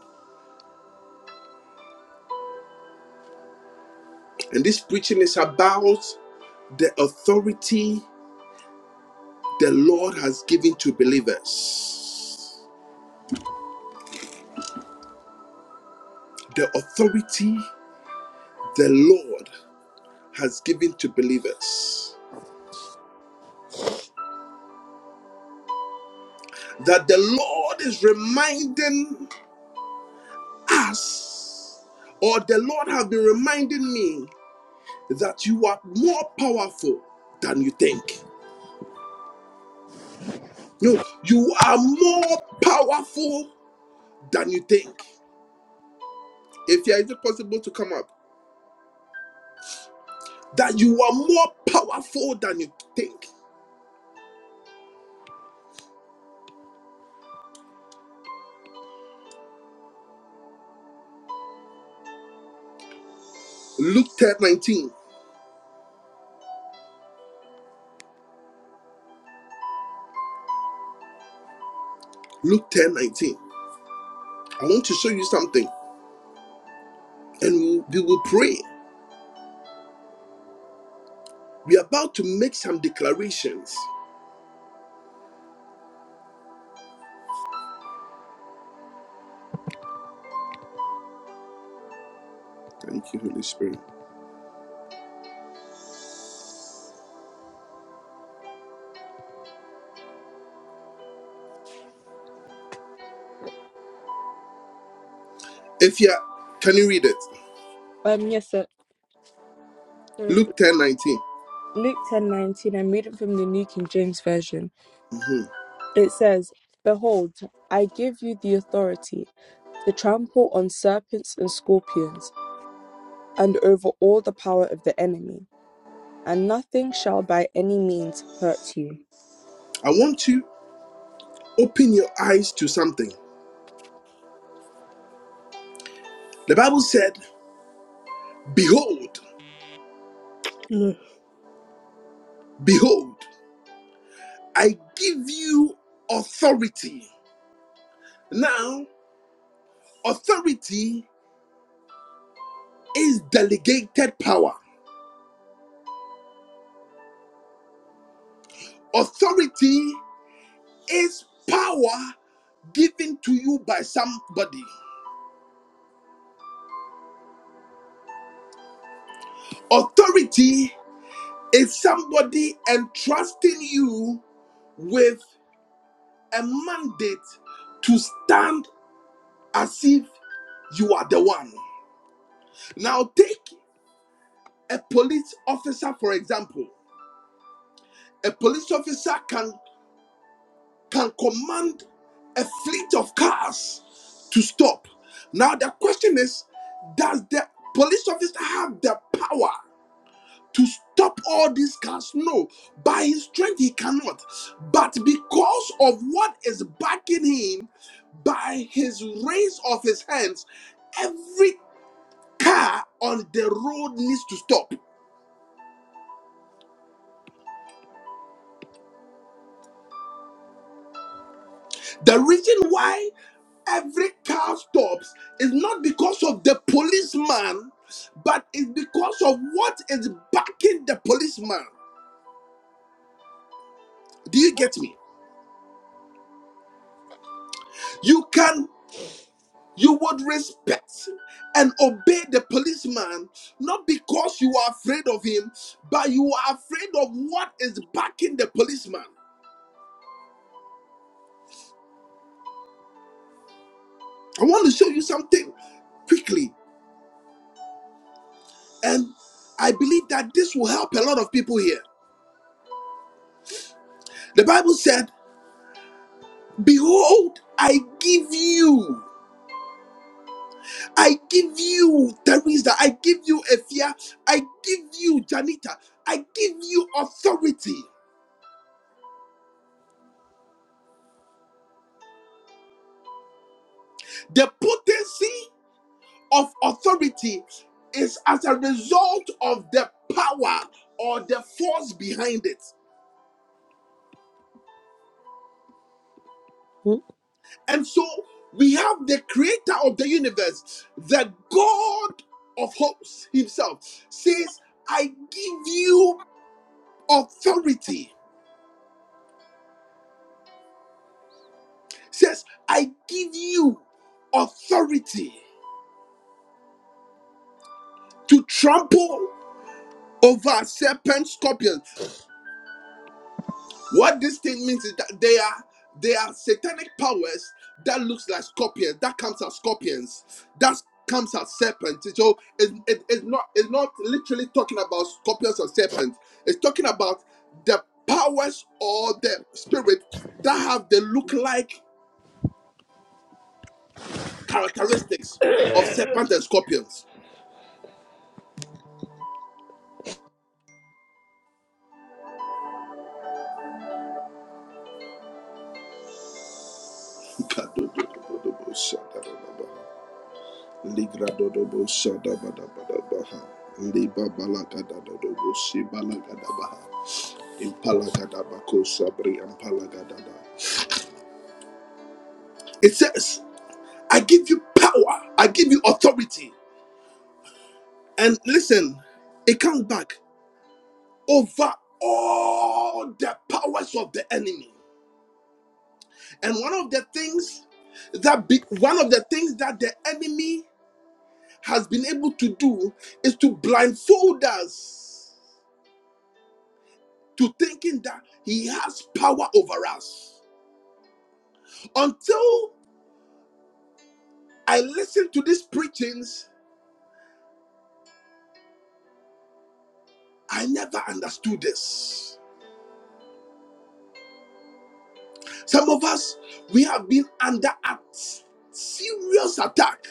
Speaker 1: And this preaching is about the authority the Lord has given to believers. The authority the Lord has given to believers. That the Lord is reminding us, or the Lord has been reminding me, that you are more powerful than you think. No, you are more powerful than you think. If you are, is it possible to come up? that you are more powerful than you think. Luke 10 19. Luke 10 19. I want to show you something and we will pray. We are about to make some declarations. Thank you, Holy Spirit. If you are- can you read it?
Speaker 6: Um, yes, sir. So
Speaker 1: Luke ten nineteen.
Speaker 6: Luke ten nineteen, I'm reading from the New King James Version.
Speaker 1: 19. Mhm.
Speaker 6: It says, Behold, I give you the authority to trample on serpents and scorpions, and over all the power of the enemy, and nothing shall by any means hurt you.
Speaker 1: I want to open your eyes to something. The Bible said, Behold,
Speaker 3: Yes,
Speaker 1: behold, I give you authority. Now, authority is delegated power. Authority is power given to you by somebody. Authority is somebody entrusting you with a mandate to stand as if you are the one. Now, take a police officer, for example. A police officer can, can command a fleet of cars to stop. Now, the question is does the police officer have the power? to stop all these cars. No, by his strength he cannot. But because of what is backing him, by his raise of his hands, every car on the road needs to stop. The reason why every car stops is not because of the policeman, but it's because of what is backing the policeman. Do you get me? You can you would respect and obey the policeman not because you are afraid of him but you are afraid of what is backing the policeman i want to show you something quickly and i believe that this will help a lot of people here the bible said behold i give you i give you teresa i give you efia i give you janita i give you authority the potency of authority is as a result of the power or the force behind it.
Speaker 3: Lord.
Speaker 1: And so we have the creator of the universe, the God of hosts himself, says, I give you authority. Says, I give you authority to trample over serpents, scorpions. What this thing means is that they are they are satanic powers that looks like scorpions, that comes as scorpions, that comes as serpents. So it, it- it's not it's not literally talking about scorpions or serpents. It's talking about the powers or the spirit that have the look like characteristics of serpents and scorpions. It says, I give you power, I give you authority. And listen, it comes back over all the powers of the enemy. And one of the things that be, one of the things that the enemy has been able to do is to blindfold us to thinking that he has power over us. Until I listened to these preachings I never understood this. Some of us, we have been under a serious attack.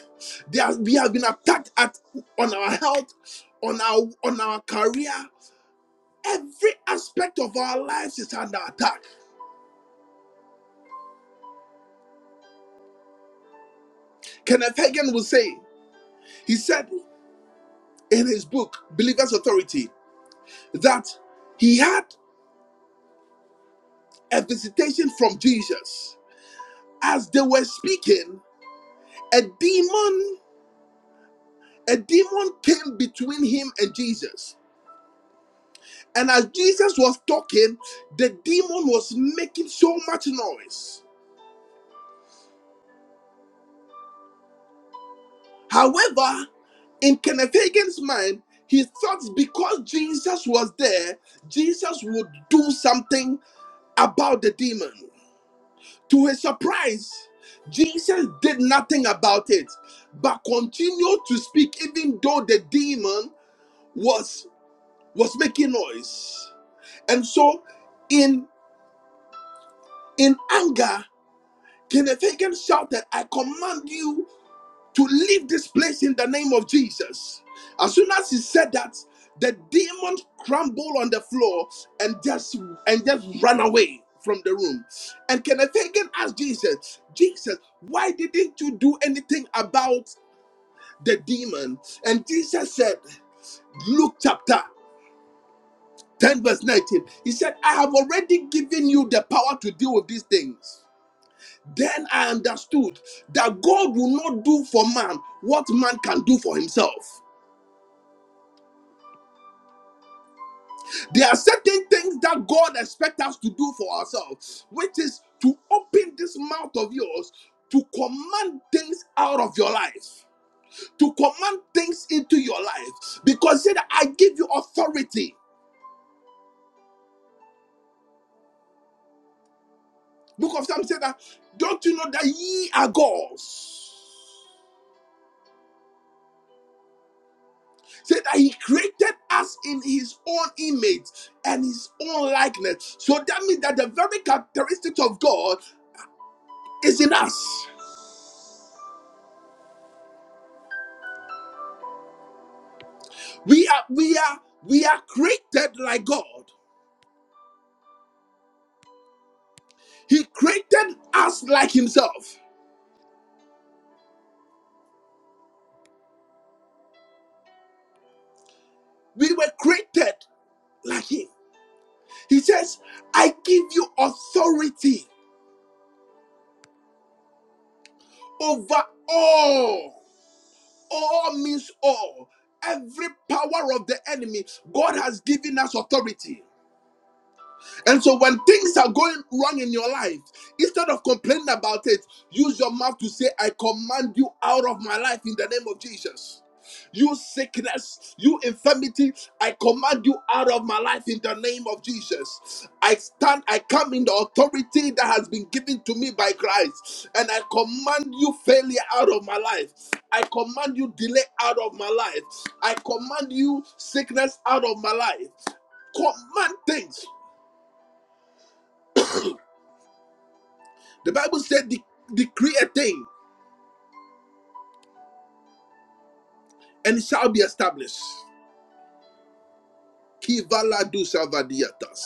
Speaker 1: There, has- we have been attacked at on our health, on our on our career. Every aspect of our lives is under attack. Kenneth Hagin will say, he said in his book Believer's Authority that he had a visitation from Jesus. As they were speaking, a demon, a demon came between him and Jesus And as Jesus was talking, the demon was making so much noise. However, in Kenneth Hagin's mind, he thought because Jesus was there, Jesus would do something about the demon. To his surprise, Jesus did nothing about it, but continued to speak even though the demon was was making noise. And so in in anger, Kenneth Hagin shouted, I command you to leave this place in the name of Jesus. As soon as he said that, the demon crumbled on the floor and just and just ran away from the room. And Kenneth Hagin asked Jesus, Jesus, why didn't you do anything about the demon? And Jesus said, Luke chapter 10, verse 19. He said, I have already given you the power to deal with these things. Then I understood that God will not do for man what man can do for himself. There are certain things that God expects us to do for ourselves, which is to open this mouth of yours to command things out of your life, to command things into your life. Because he said, I give you authority. Book of Psalms said that, don't you know that ye are God's? Said that he created us in his own image and his own likeness. So that means that the very characteristics of God is in us. We are we are we are created like God. He created us like himself. We were created like him. He says, "I give you authority over all." All means all. Every power of the enemy, God has given us authority. And so when things are going wrong in your life, instead of complaining about it, use your mouth to say, I command you out of my life in the name of Jesus. You sickness, you infirmity, I command you out of my life in the name of Jesus. I stand, I come in the authority that has been given to me by Christ, and I command you failure out of my life. I command you delay out of my life. I command you sickness out of my life command things. The Bible said, "De- decree a thing and it shall be established. Kivala du salvadiatas.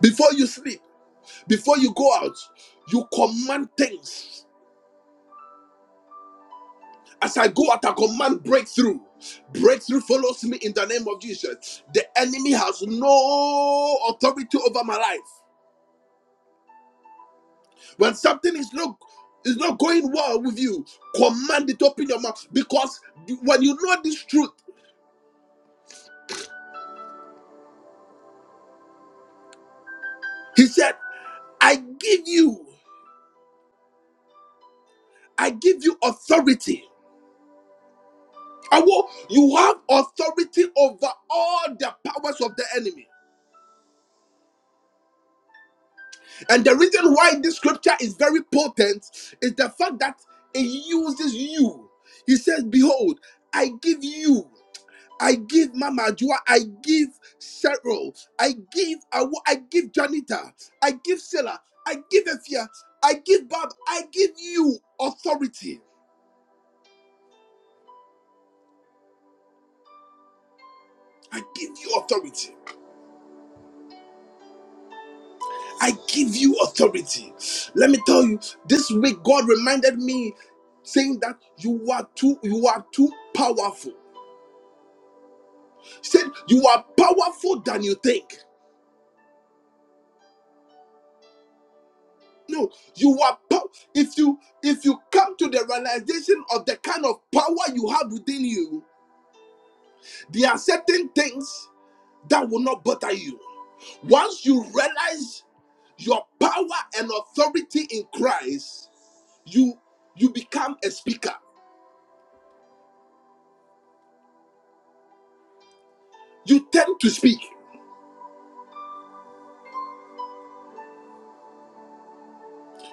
Speaker 1: Before you sleep, before you go out, you command things. As I go out, I command breakthrough. Breakthrough follows me in the name of Jesus. The enemy has no authority over my life. When something is not is not going well with you, command it, open your mouth. Because when you know this truth, he said, I give you. I give you authority. I will, you have authority over all the powers of the enemy. And the reason why this scripture is very potent is the fact that it uses you. He says, Behold, I give you, I give Mama Joa, I give Cheryl, I give Awo, I give Janita, I give Sela, I give Efia, I give Bob, I give you authority. I give you authority. I give you authority. Let me tell you, this week God reminded me saying that you are too you are too powerful. He said you are powerful than you think. No, you are pow- if you if you come to the realization of the kind of power you have within you, there are certain things that will not bother you. Once you realize your power and authority in Christ, you you become a speaker. You tend to speak.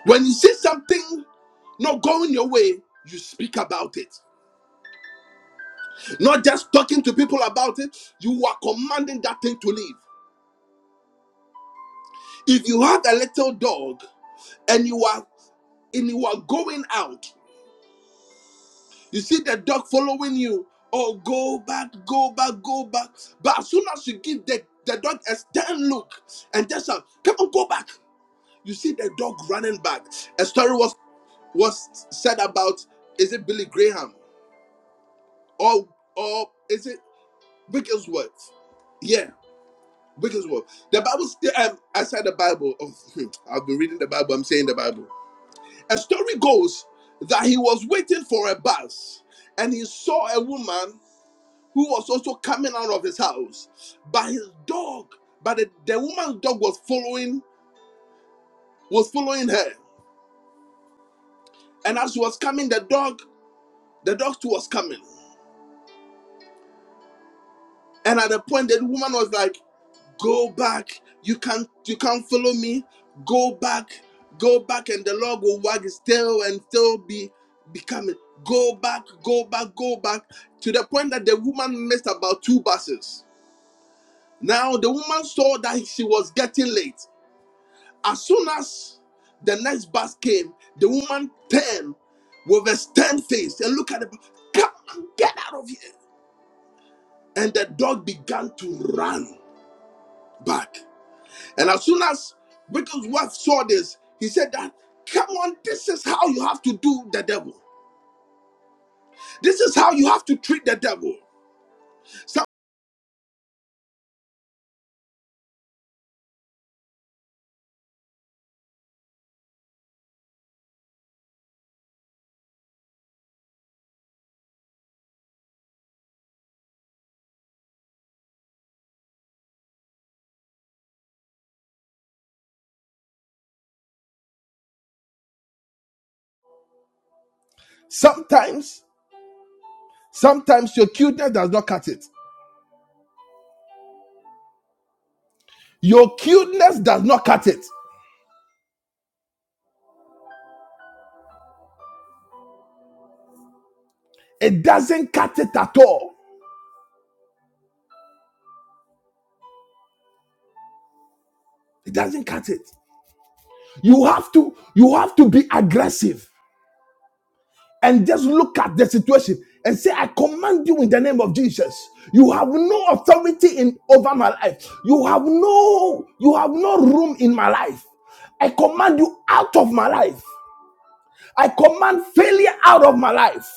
Speaker 1: When you see something not going your way, you speak about it. Not just talking to people about it, you are commanding that thing to leave. If you have a little dog and you are and you are going out, you see the dog following you. Oh, go back, go back, go back. But as soon as you give the, the dog a stern look and just shout, come on, go back. You see the dog running back. A story was was said about is it Billy Graham or or is it? Wicked words. Yeah, wicked words. The Bible, st- um, outside the Bible, oh, I'll be reading the Bible, I'm saying the Bible. A story goes that he was waiting for a bus and he saw a woman who was also coming out of his house. But his dog, but the, the woman's dog was following, was following her. And as she was coming, the dog, the dog too was coming. And at the point, the woman was like, go back you can't you can't follow me go back go back and the lord will wag his tail and still be becoming go back go back go back to the point that the woman missed about two buses now the woman saw that she was getting late as soon as the next bus came the woman turned with a stern face and looked at the bu- come on get out of here and the dog began to run back And as soon as Wickham's wife saw this, he said that, come on, this is how you have to do the devil. This is how you have to treat the devil.
Speaker 7: Sometimes, sometimes your cuteness does not cut it. Your cuteness does not cut it. It doesn't cut it at all. It doesn't cut it. You have to, you have to be aggressive and just look at the situation and say, I command you in the name of Jesus. You have no authority in over my life. You have no, you have no room in my life. I command you out of my life. I command failure out of my life.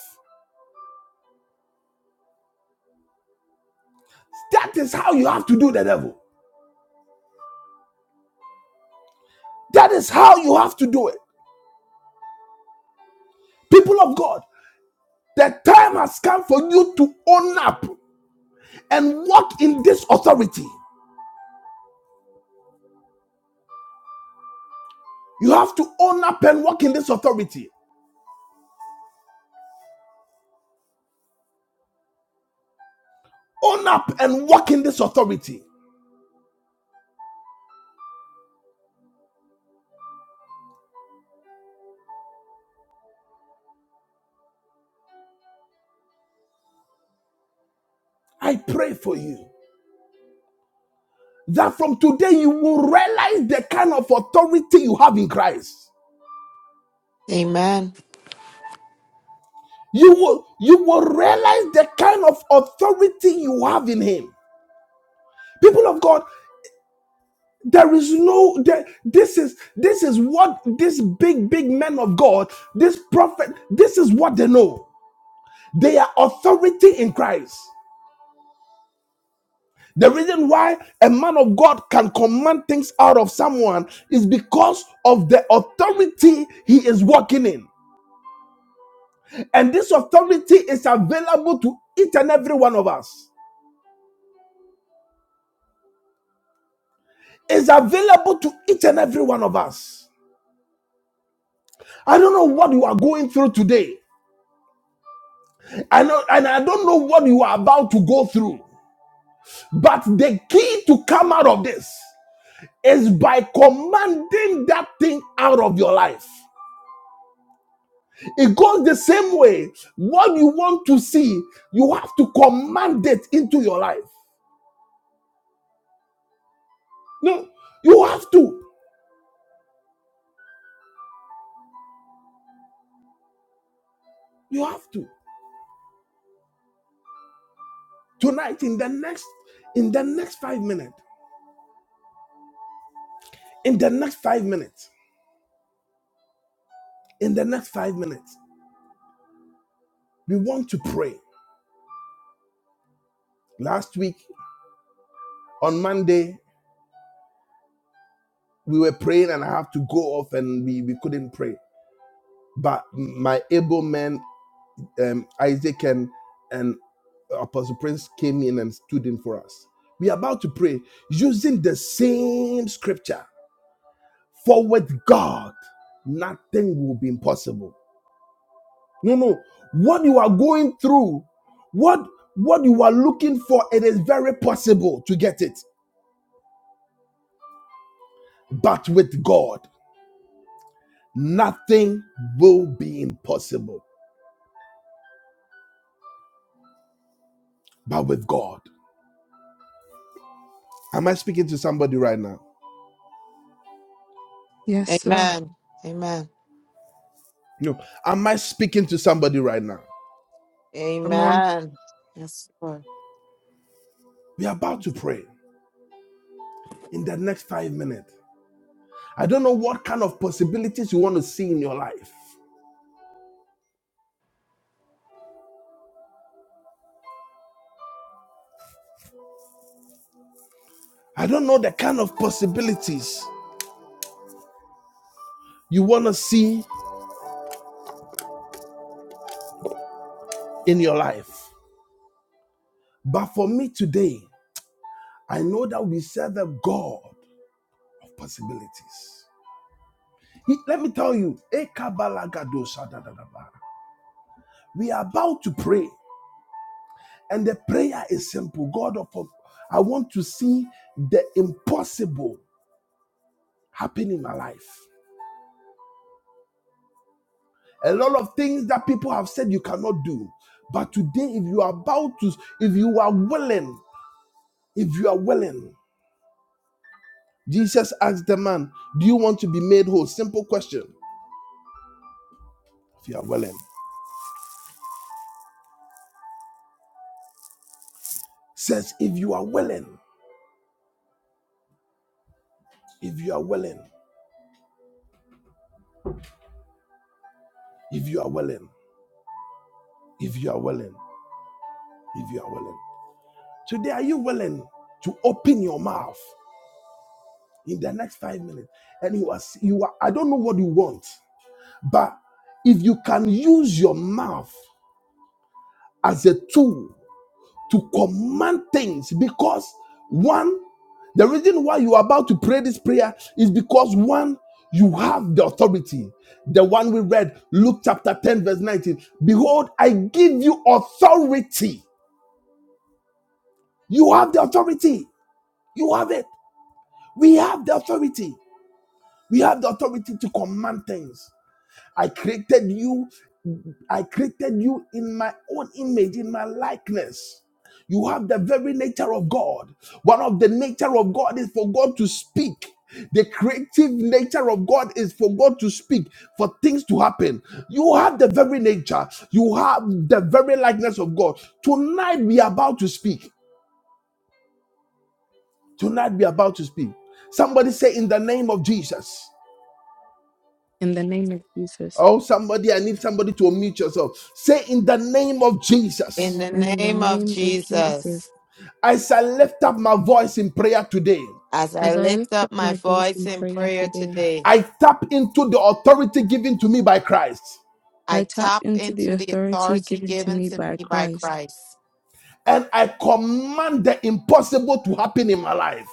Speaker 7: That is how you have to do the devil. That is how you have to do it. People of God, the time has come for you to own up and walk in this authority. You have to own up and walk in this authority. Own up and walk in this authority. I pray for you that from today you will realize the kind of authority you have in Christ.
Speaker 8: Amen.
Speaker 7: You will you will realize the kind of authority you have in him. People of God, There is no there, this is this is what this big big men of God, this prophet, this is what they know. They are authority in Christ. The reason why a man of God can command things out of someone is because of the authority he is walking in. And this authority is available to each and every one of us. Is available to each and every one of us. I don't know what you are going through today. I know, and I don't know what you are about to go through. But the key to come out of this is by commanding that thing out of your life. It goes the same way. What you want to see, you have to command it into your life. No, you have to. You have to. Tonight, in the next, in the next five minutes, in the next five minutes, in the next five minutes, we want to pray. Last week on Monday, we were praying and I have to go off and we, we couldn't pray. But my able men um, Isaac and, and Apostle Prince came in and stood in for us. We are about to pray using the same scripture. For with God, nothing will be impossible. No, no. What you are going through, what what you are looking for, it is very possible to get it. But with God, nothing will be impossible. But with God. Am I speaking to somebody right now?
Speaker 6: Yes, sir.
Speaker 8: Amen. Amen.
Speaker 7: No. Am I speaking to somebody right now?
Speaker 6: Come on,
Speaker 8: Amen. Yes, Lord.
Speaker 7: We are about to pray in the next five minutes. I don't know what kind of possibilities you want to see in your life. I don't know the kind of possibilities you want to see in your life. But for me today, I know that we serve a God of possibilities. He- let me tell you, we are about to pray, and the prayer is simple God of I want to see the impossible happen in my life. a lot of things that people have said you cannot do. But today, if you are about to, if you are willing, if you are willing, Jesus asked the man, Do you want to be made whole? Simple question. If you are willing, says, If you are willing, if you are willing, if you are willing, if you are willing, if you are willing. Today, are you willing to open your mouth in the next five minutes? And you are, you are, I don't know what you want, but if you can use your mouth as a tool to command things because one, the reason why you are about to pray this prayer is because one, you have the authority. The one we read, Luke chapter 10, verse 19. Behold, I give you authority. You have the authority. You have it. We have the authority. We have the authority to command things. I created you. I created you in my own image, in my likeness. You have the very nature of God. One of the nature of God is for God to speak. The creative nature of God is for God to speak, for things to happen. You have the very nature. You have the very likeness of God. Tonight we are about to speak. Tonight we are about to speak. Somebody say, in the name of Jesus.
Speaker 6: in the name of Jesus.
Speaker 7: Oh, somebody, I need somebody to unmute yourself. Say, in the name of
Speaker 8: In
Speaker 7: Jesus,
Speaker 8: the
Speaker 6: In the
Speaker 8: name of
Speaker 6: name of Jesus.
Speaker 8: Jesus,
Speaker 7: as I lift up my voice in prayer today,
Speaker 8: as I
Speaker 6: As I
Speaker 8: lift
Speaker 6: lift up
Speaker 8: up my
Speaker 6: my voice
Speaker 8: voice
Speaker 6: in
Speaker 8: in
Speaker 6: prayer
Speaker 8: prayer
Speaker 6: today,
Speaker 8: today,
Speaker 7: I tap into the authority given to me by Christ
Speaker 8: I
Speaker 6: I tap
Speaker 8: tap
Speaker 6: into the
Speaker 8: into the
Speaker 6: authority
Speaker 8: authority
Speaker 6: given to
Speaker 8: given
Speaker 6: me
Speaker 8: to
Speaker 6: by
Speaker 8: me by
Speaker 6: Christ.
Speaker 8: Christ
Speaker 7: and I command the impossible to happen in my life.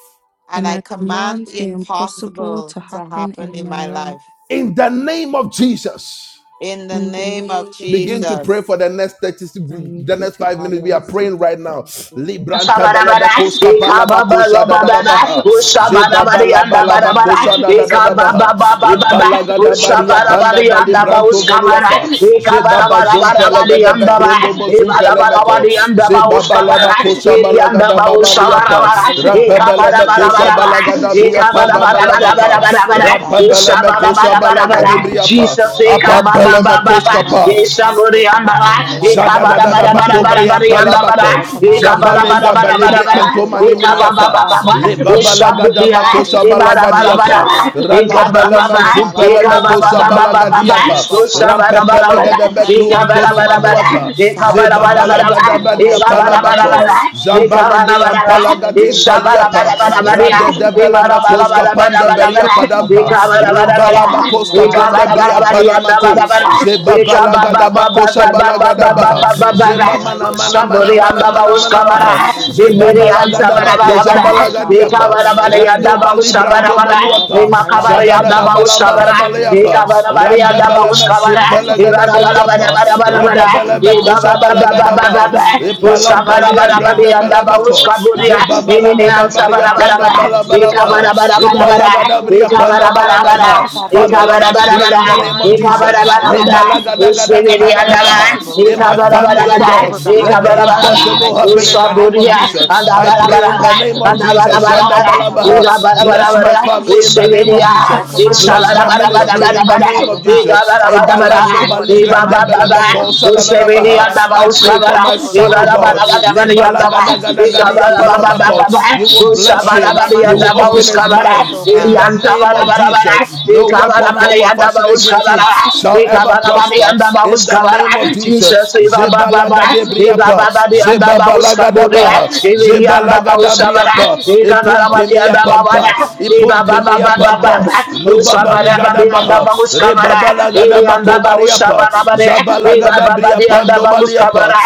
Speaker 8: and
Speaker 6: and
Speaker 8: I
Speaker 6: I
Speaker 8: command
Speaker 6: command
Speaker 8: the
Speaker 6: the impossible
Speaker 8: impossible
Speaker 6: to
Speaker 8: to
Speaker 6: happen
Speaker 8: happen
Speaker 6: in
Speaker 8: in
Speaker 6: my
Speaker 8: my
Speaker 6: life.
Speaker 8: life.
Speaker 7: In the name of Jesus.
Speaker 8: In the
Speaker 6: In the
Speaker 8: name of
Speaker 6: name of
Speaker 7: Begin to
Speaker 6: Jesus,
Speaker 7: pray
Speaker 8: Jesus.
Speaker 7: for the next 30.
Speaker 6: I
Speaker 7: the next
Speaker 6: indicate it
Speaker 7: five
Speaker 6: with
Speaker 8: Father,
Speaker 7: minutes. We
Speaker 8: in
Speaker 7: are
Speaker 8: the
Speaker 6: both
Speaker 7: praying
Speaker 6: hands.
Speaker 7: right
Speaker 8: mighty
Speaker 7: now.
Speaker 8: name of Jesus.
Speaker 7: Libranta
Speaker 2: Shabarabara,
Speaker 7: belebekos
Speaker 8: the impossible,
Speaker 7: palabakosha da
Speaker 8: God,
Speaker 7: da da
Speaker 8: not
Speaker 2: Ikabababababa,
Speaker 8: in
Speaker 7: baha.
Speaker 8: my life, oh God.
Speaker 2: Ushabarabari and
Speaker 8: I command the
Speaker 2: Barabara,
Speaker 7: Zebabalabalabakosa da da da da
Speaker 8: impossible to
Speaker 7: baha.
Speaker 8: happen in my life.
Speaker 2: Ikabababababa,
Speaker 7: Ipalaga da
Speaker 8: Now,
Speaker 7: baria
Speaker 8: God,
Speaker 7: panda
Speaker 2: Ushabarabari
Speaker 8: Father,
Speaker 2: and
Speaker 8: I
Speaker 2: Daba
Speaker 8: command
Speaker 7: balibranto
Speaker 8: the
Speaker 2: Uskabara,
Speaker 8: impossible
Speaker 7: boluapa.
Speaker 8: to happen in my
Speaker 7: Zebaba
Speaker 8: life, oh God.
Speaker 2: Ikabarabarabari
Speaker 7: zompelegede
Speaker 8: As
Speaker 2: and
Speaker 8: I
Speaker 2: Daba,
Speaker 8: lift my
Speaker 7: bekrondo
Speaker 8: hands in prayer, oh God,
Speaker 7: bozumpelemeko.
Speaker 8: Father,
Speaker 2: Ibarabarabari and
Speaker 8: I
Speaker 2: Daba
Speaker 8: command the
Speaker 2: Uskabara,
Speaker 8: impossible, oh
Speaker 7: Zebabalabakosa
Speaker 8: God.
Speaker 7: balagada
Speaker 2: Iriandaba
Speaker 8: Father, God,
Speaker 5: you.
Speaker 8: Father,
Speaker 7: babaliapa.
Speaker 8: it's
Speaker 2: Ushabarabara,
Speaker 8: you, God.
Speaker 7: Rampe
Speaker 8: All things, oh Lord,
Speaker 7: belebekosha
Speaker 8: are
Speaker 7: balaga
Speaker 2: Ikabarabarabaraba,
Speaker 8: possible,
Speaker 7: da
Speaker 8: oh God.
Speaker 7: bria
Speaker 8: I
Speaker 7: panda
Speaker 8: command the
Speaker 7: balabaka.
Speaker 8: impossible,
Speaker 2: Ikabarabarabarabara,
Speaker 8: oh God, to happen in my
Speaker 7: Rampebelebekosa
Speaker 8: life today,
Speaker 7: balagadi
Speaker 2: Ushabarabarabarabara,
Speaker 8: God, in the
Speaker 7: briapa.
Speaker 8: mighty
Speaker 2: Jesus,
Speaker 8: name of
Speaker 7: Apa
Speaker 8: Jesus. I
Speaker 2: Ikababababa,
Speaker 7: belemekosca
Speaker 8: command
Speaker 7: pa.
Speaker 8: the impossible
Speaker 2: Ishaburi
Speaker 8: to
Speaker 2: and
Speaker 8: happen in
Speaker 2: Daba,
Speaker 8: my life today, in the mighty name of
Speaker 2: Ikabarabarabarabarabari
Speaker 8: Jesus.
Speaker 2: and
Speaker 7: Shadadadadabakobreyampalabako.
Speaker 8: I
Speaker 2: Daba,
Speaker 8: command the
Speaker 7: Zabalenda
Speaker 8: impossible with God.
Speaker 7: balebre
Speaker 8: Father, for what, oh God, is
Speaker 7: antomaniminiapa.
Speaker 8: impossible with man, oh God. Father, is possible with you,
Speaker 7: Lebabalagadamakosabalagadiapa.
Speaker 8: oh God. Father, with you, oh God, all things, oh God, all things,
Speaker 7: Randabelemazumpelemekosabalagadiapa.
Speaker 8: Jehovah, are possible. And I command the
Speaker 7: Rampepelegadebekru
Speaker 8: impossible, oh God,
Speaker 7: antonomanuata.
Speaker 8: to happen in my life today in the mighty name of
Speaker 7: Zebabalagadabariapalabako.
Speaker 8: Jesus. I command
Speaker 7: Zambalibri
Speaker 8: the impossible today to happen in
Speaker 7: ampalagadimpaliapa.
Speaker 8: my life today in the mighty
Speaker 7: Radedebelemekos- Koska
Speaker 8: name of
Speaker 7: panda
Speaker 8: Jesus.
Speaker 7: beria
Speaker 8: I
Speaker 7: padamba.
Speaker 8: command the impossible
Speaker 7: Rimbala
Speaker 8: to happen in the
Speaker 7: makoska
Speaker 8: lives of
Speaker 7: banda
Speaker 8: God of
Speaker 7: bria
Speaker 8: my children
Speaker 7: palamako
Speaker 8: today, God, in the mighty name of
Speaker 7: balagada
Speaker 8: Jesus
Speaker 7: bakosha
Speaker 8: be
Speaker 7: balagada
Speaker 8: impossible to
Speaker 7: baha.
Speaker 8: happen, oh
Speaker 7: Je
Speaker 8: God, in your
Speaker 7: mama
Speaker 8: life
Speaker 7: na
Speaker 8: without
Speaker 7: mana
Speaker 8: of my
Speaker 7: mana
Speaker 2: Somebody Yanda yanda yanda
Speaker 7: mana
Speaker 8: husband, oh
Speaker 7: mana
Speaker 8: God,
Speaker 7: mana
Speaker 8: in the
Speaker 7: maha.
Speaker 8: mighty name of
Speaker 7: Je
Speaker 8: Jesus.
Speaker 2: yanda
Speaker 8: I
Speaker 7: babalagada
Speaker 8: command the
Speaker 7: bakosha
Speaker 8: impossible out to
Speaker 7: balagadiapa.
Speaker 8: happen in the life, oh
Speaker 2: yanda
Speaker 7: Rando
Speaker 8: God.
Speaker 7: bali
Speaker 2: babushka bara
Speaker 7: brando
Speaker 8: Father, oh
Speaker 2: bara,
Speaker 8: God, of all
Speaker 7: baluata.
Speaker 5: Thank
Speaker 2: ema
Speaker 8: my loved
Speaker 2: kabara
Speaker 7: Jada
Speaker 5: you.
Speaker 8: ones, oh
Speaker 2: ini
Speaker 7: da da
Speaker 8: God.
Speaker 7: bala
Speaker 8: My
Speaker 7: bala
Speaker 2: bara
Speaker 8: siblings, oh
Speaker 7: baleapa.
Speaker 2: eka
Speaker 8: God,
Speaker 2: bara.
Speaker 8: Father,
Speaker 2: bara
Speaker 8: the
Speaker 7: Randa
Speaker 2: yanda
Speaker 7: bala
Speaker 8: marriages,
Speaker 7: me
Speaker 8: the
Speaker 2: babushka bara
Speaker 8: spouses, oh
Speaker 7: sumpela
Speaker 8: God, I
Speaker 7: gada
Speaker 2: ibara
Speaker 8: command
Speaker 2: bara
Speaker 8: the
Speaker 2: bara
Speaker 7: baliapa.
Speaker 2: bara
Speaker 8: impossible to
Speaker 2: bara bara
Speaker 7: Rabba
Speaker 8: happen to
Speaker 7: bala
Speaker 8: thee, God,
Speaker 2: ibaba
Speaker 7: bakosha
Speaker 8: in
Speaker 2: baba
Speaker 8: the
Speaker 7: balagada
Speaker 2: baba
Speaker 8: mighty
Speaker 7: ba.
Speaker 2: baba,
Speaker 8: name of Jesus. I
Speaker 2: ushka
Speaker 7: Ipalam
Speaker 2: bara
Speaker 8: command
Speaker 7: balia
Speaker 8: the
Speaker 2: bara bara.
Speaker 7: branda
Speaker 8: impossible,
Speaker 2: yanda
Speaker 7: bala
Speaker 8: Jehovah,
Speaker 7: meko.
Speaker 2: babushka
Speaker 8: to
Speaker 2: buria,
Speaker 7: Je
Speaker 8: happen, oh God,
Speaker 2: ini
Speaker 7: babalagada
Speaker 8: in
Speaker 2: ansa
Speaker 8: the
Speaker 7: baria
Speaker 2: bara bara
Speaker 8: mighty
Speaker 7: panda
Speaker 2: bara
Speaker 8: name of
Speaker 7: bala bala
Speaker 8: Jesus,
Speaker 2: eka
Speaker 8: oh
Speaker 7: ba.
Speaker 2: bara.
Speaker 8: God.
Speaker 2: bara bara
Speaker 8: Father,
Speaker 2: bara
Speaker 8: for you,
Speaker 7: Ipalagada
Speaker 8: oh
Speaker 7: bria
Speaker 2: eka
Speaker 8: God,
Speaker 7: panda
Speaker 2: bara.
Speaker 7: bala
Speaker 8: Father of
Speaker 7: baha.
Speaker 8: all
Speaker 7: Father Lord
Speaker 2: bara
Speaker 7: I
Speaker 8: possibilities.
Speaker 7: pray pray
Speaker 2: bara
Speaker 7: in the
Speaker 8: You
Speaker 7: name
Speaker 8: are
Speaker 7: of
Speaker 8: the
Speaker 2: eka bara
Speaker 8: Father
Speaker 7: Jesus.
Speaker 8: God of all
Speaker 2: Yandababuskabara,
Speaker 8: possibilities. I command the impossible, oh
Speaker 2: Iberian
Speaker 7: In my
Speaker 8: God,
Speaker 2: bara bara Yandababuskabara, Imakabara bara bara Yandababuskabara, Ibarabara, bara yanda bara Yandababuskaburia, Inian Sabarabara, Ekabarabara, Ekabarabara, Ekabarabara, bara
Speaker 8: the
Speaker 7: family, oh
Speaker 2: bara
Speaker 7: God,
Speaker 8: impossible to
Speaker 2: Ekabarabara,
Speaker 7: let
Speaker 8: happen,
Speaker 7: the
Speaker 8: oh God, in my
Speaker 7: impossible
Speaker 8: life
Speaker 7: happen
Speaker 8: today,
Speaker 7: in the
Speaker 8: God,
Speaker 7: name
Speaker 8: in
Speaker 7: of
Speaker 8: the
Speaker 2: Usaburia,
Speaker 8: mighty
Speaker 2: and
Speaker 7: Jesus.
Speaker 8: name
Speaker 7: I
Speaker 8: of
Speaker 7: pray
Speaker 8: Jesus.
Speaker 2: Abarabara,
Speaker 7: in the
Speaker 8: I
Speaker 7: name
Speaker 2: and
Speaker 7: of
Speaker 8: command the
Speaker 7: Jesus.
Speaker 2: Abarabara,
Speaker 8: impossible to happen
Speaker 7: Zandabalabaha.
Speaker 8: today in the
Speaker 7: Bless my
Speaker 2: Igabarabara,
Speaker 8: mighty
Speaker 7: family
Speaker 8: name
Speaker 7: in
Speaker 8: of
Speaker 7: the name
Speaker 8: Jesus.
Speaker 7: of
Speaker 2: Usiviria,
Speaker 8: I
Speaker 7: Jesus.
Speaker 8: command the
Speaker 7: Bless my
Speaker 8: impossible, the
Speaker 7: ministry in the
Speaker 2: Isabarabarabara,
Speaker 7: name
Speaker 8: impossible, oh
Speaker 7: of
Speaker 8: God,
Speaker 7: Jesus.
Speaker 8: to happen
Speaker 2: Igabarabara,
Speaker 8: today,
Speaker 7: Ebalando
Speaker 8: Lord, in the
Speaker 7: baligrande
Speaker 8: mighty
Speaker 2: Ibababa,
Speaker 8: name
Speaker 7: belebeko
Speaker 8: of Jesus.
Speaker 2: Usiviria,
Speaker 8: I
Speaker 2: and
Speaker 7: sadadadabaha. I
Speaker 8: command the
Speaker 7: pray for my
Speaker 2: Abauskabara,
Speaker 8: impossible to
Speaker 7: son, oh
Speaker 8: happen
Speaker 7: God.
Speaker 8: today
Speaker 2: Ibarabara,
Speaker 8: in the
Speaker 2: Yandaba,
Speaker 8: mighty name of
Speaker 2: Ikababa,
Speaker 8: Jesus.
Speaker 7: Lebalagadagadagadiyapalabako. You will bless
Speaker 8: In
Speaker 7: him.
Speaker 8: the
Speaker 2: Usabara,
Speaker 7: You
Speaker 2: and
Speaker 8: mighty
Speaker 7: will open
Speaker 8: name of
Speaker 7: his
Speaker 2: Abauskabara,
Speaker 8: Jesus,
Speaker 7: mind
Speaker 8: oh
Speaker 7: in
Speaker 8: God.
Speaker 7: the name of of
Speaker 2: Idiantabarabara,
Speaker 7: Jesus. No weapon
Speaker 2: Ikabara,
Speaker 7: form of
Speaker 2: and
Speaker 7: fashion against him
Speaker 2: Abauskabara,
Speaker 7: shall ever
Speaker 2: Ikabara,
Speaker 7: prosper
Speaker 2: and
Speaker 7: in the name of
Speaker 2: Abauskabara, Jesus,
Speaker 7: Jesus.
Speaker 2: Ibababa, Baba, Eva
Speaker 7: Zebalagadebriapa,
Speaker 2: Baba de Anda Bauska Borea,
Speaker 7: zebabalagadabaha,
Speaker 2: Everi Anda Bausabara,
Speaker 7: zebalagadabriapa,
Speaker 2: Ega Baba de Anda
Speaker 7: ipumpimiapampa,
Speaker 2: Babana, Eva Baba Baba
Speaker 7: ipumpimiapampa,
Speaker 2: Baba, Usabara Babi Anda
Speaker 7: lubabaligadabaha,
Speaker 2: Bauskabara, Eri Anda
Speaker 7: rebabalagadabakovariapa,
Speaker 2: Bausabara Bare, Eva Baba de Anda
Speaker 7: zabalagadabriapandobaliapa,
Speaker 2: Bauskabara,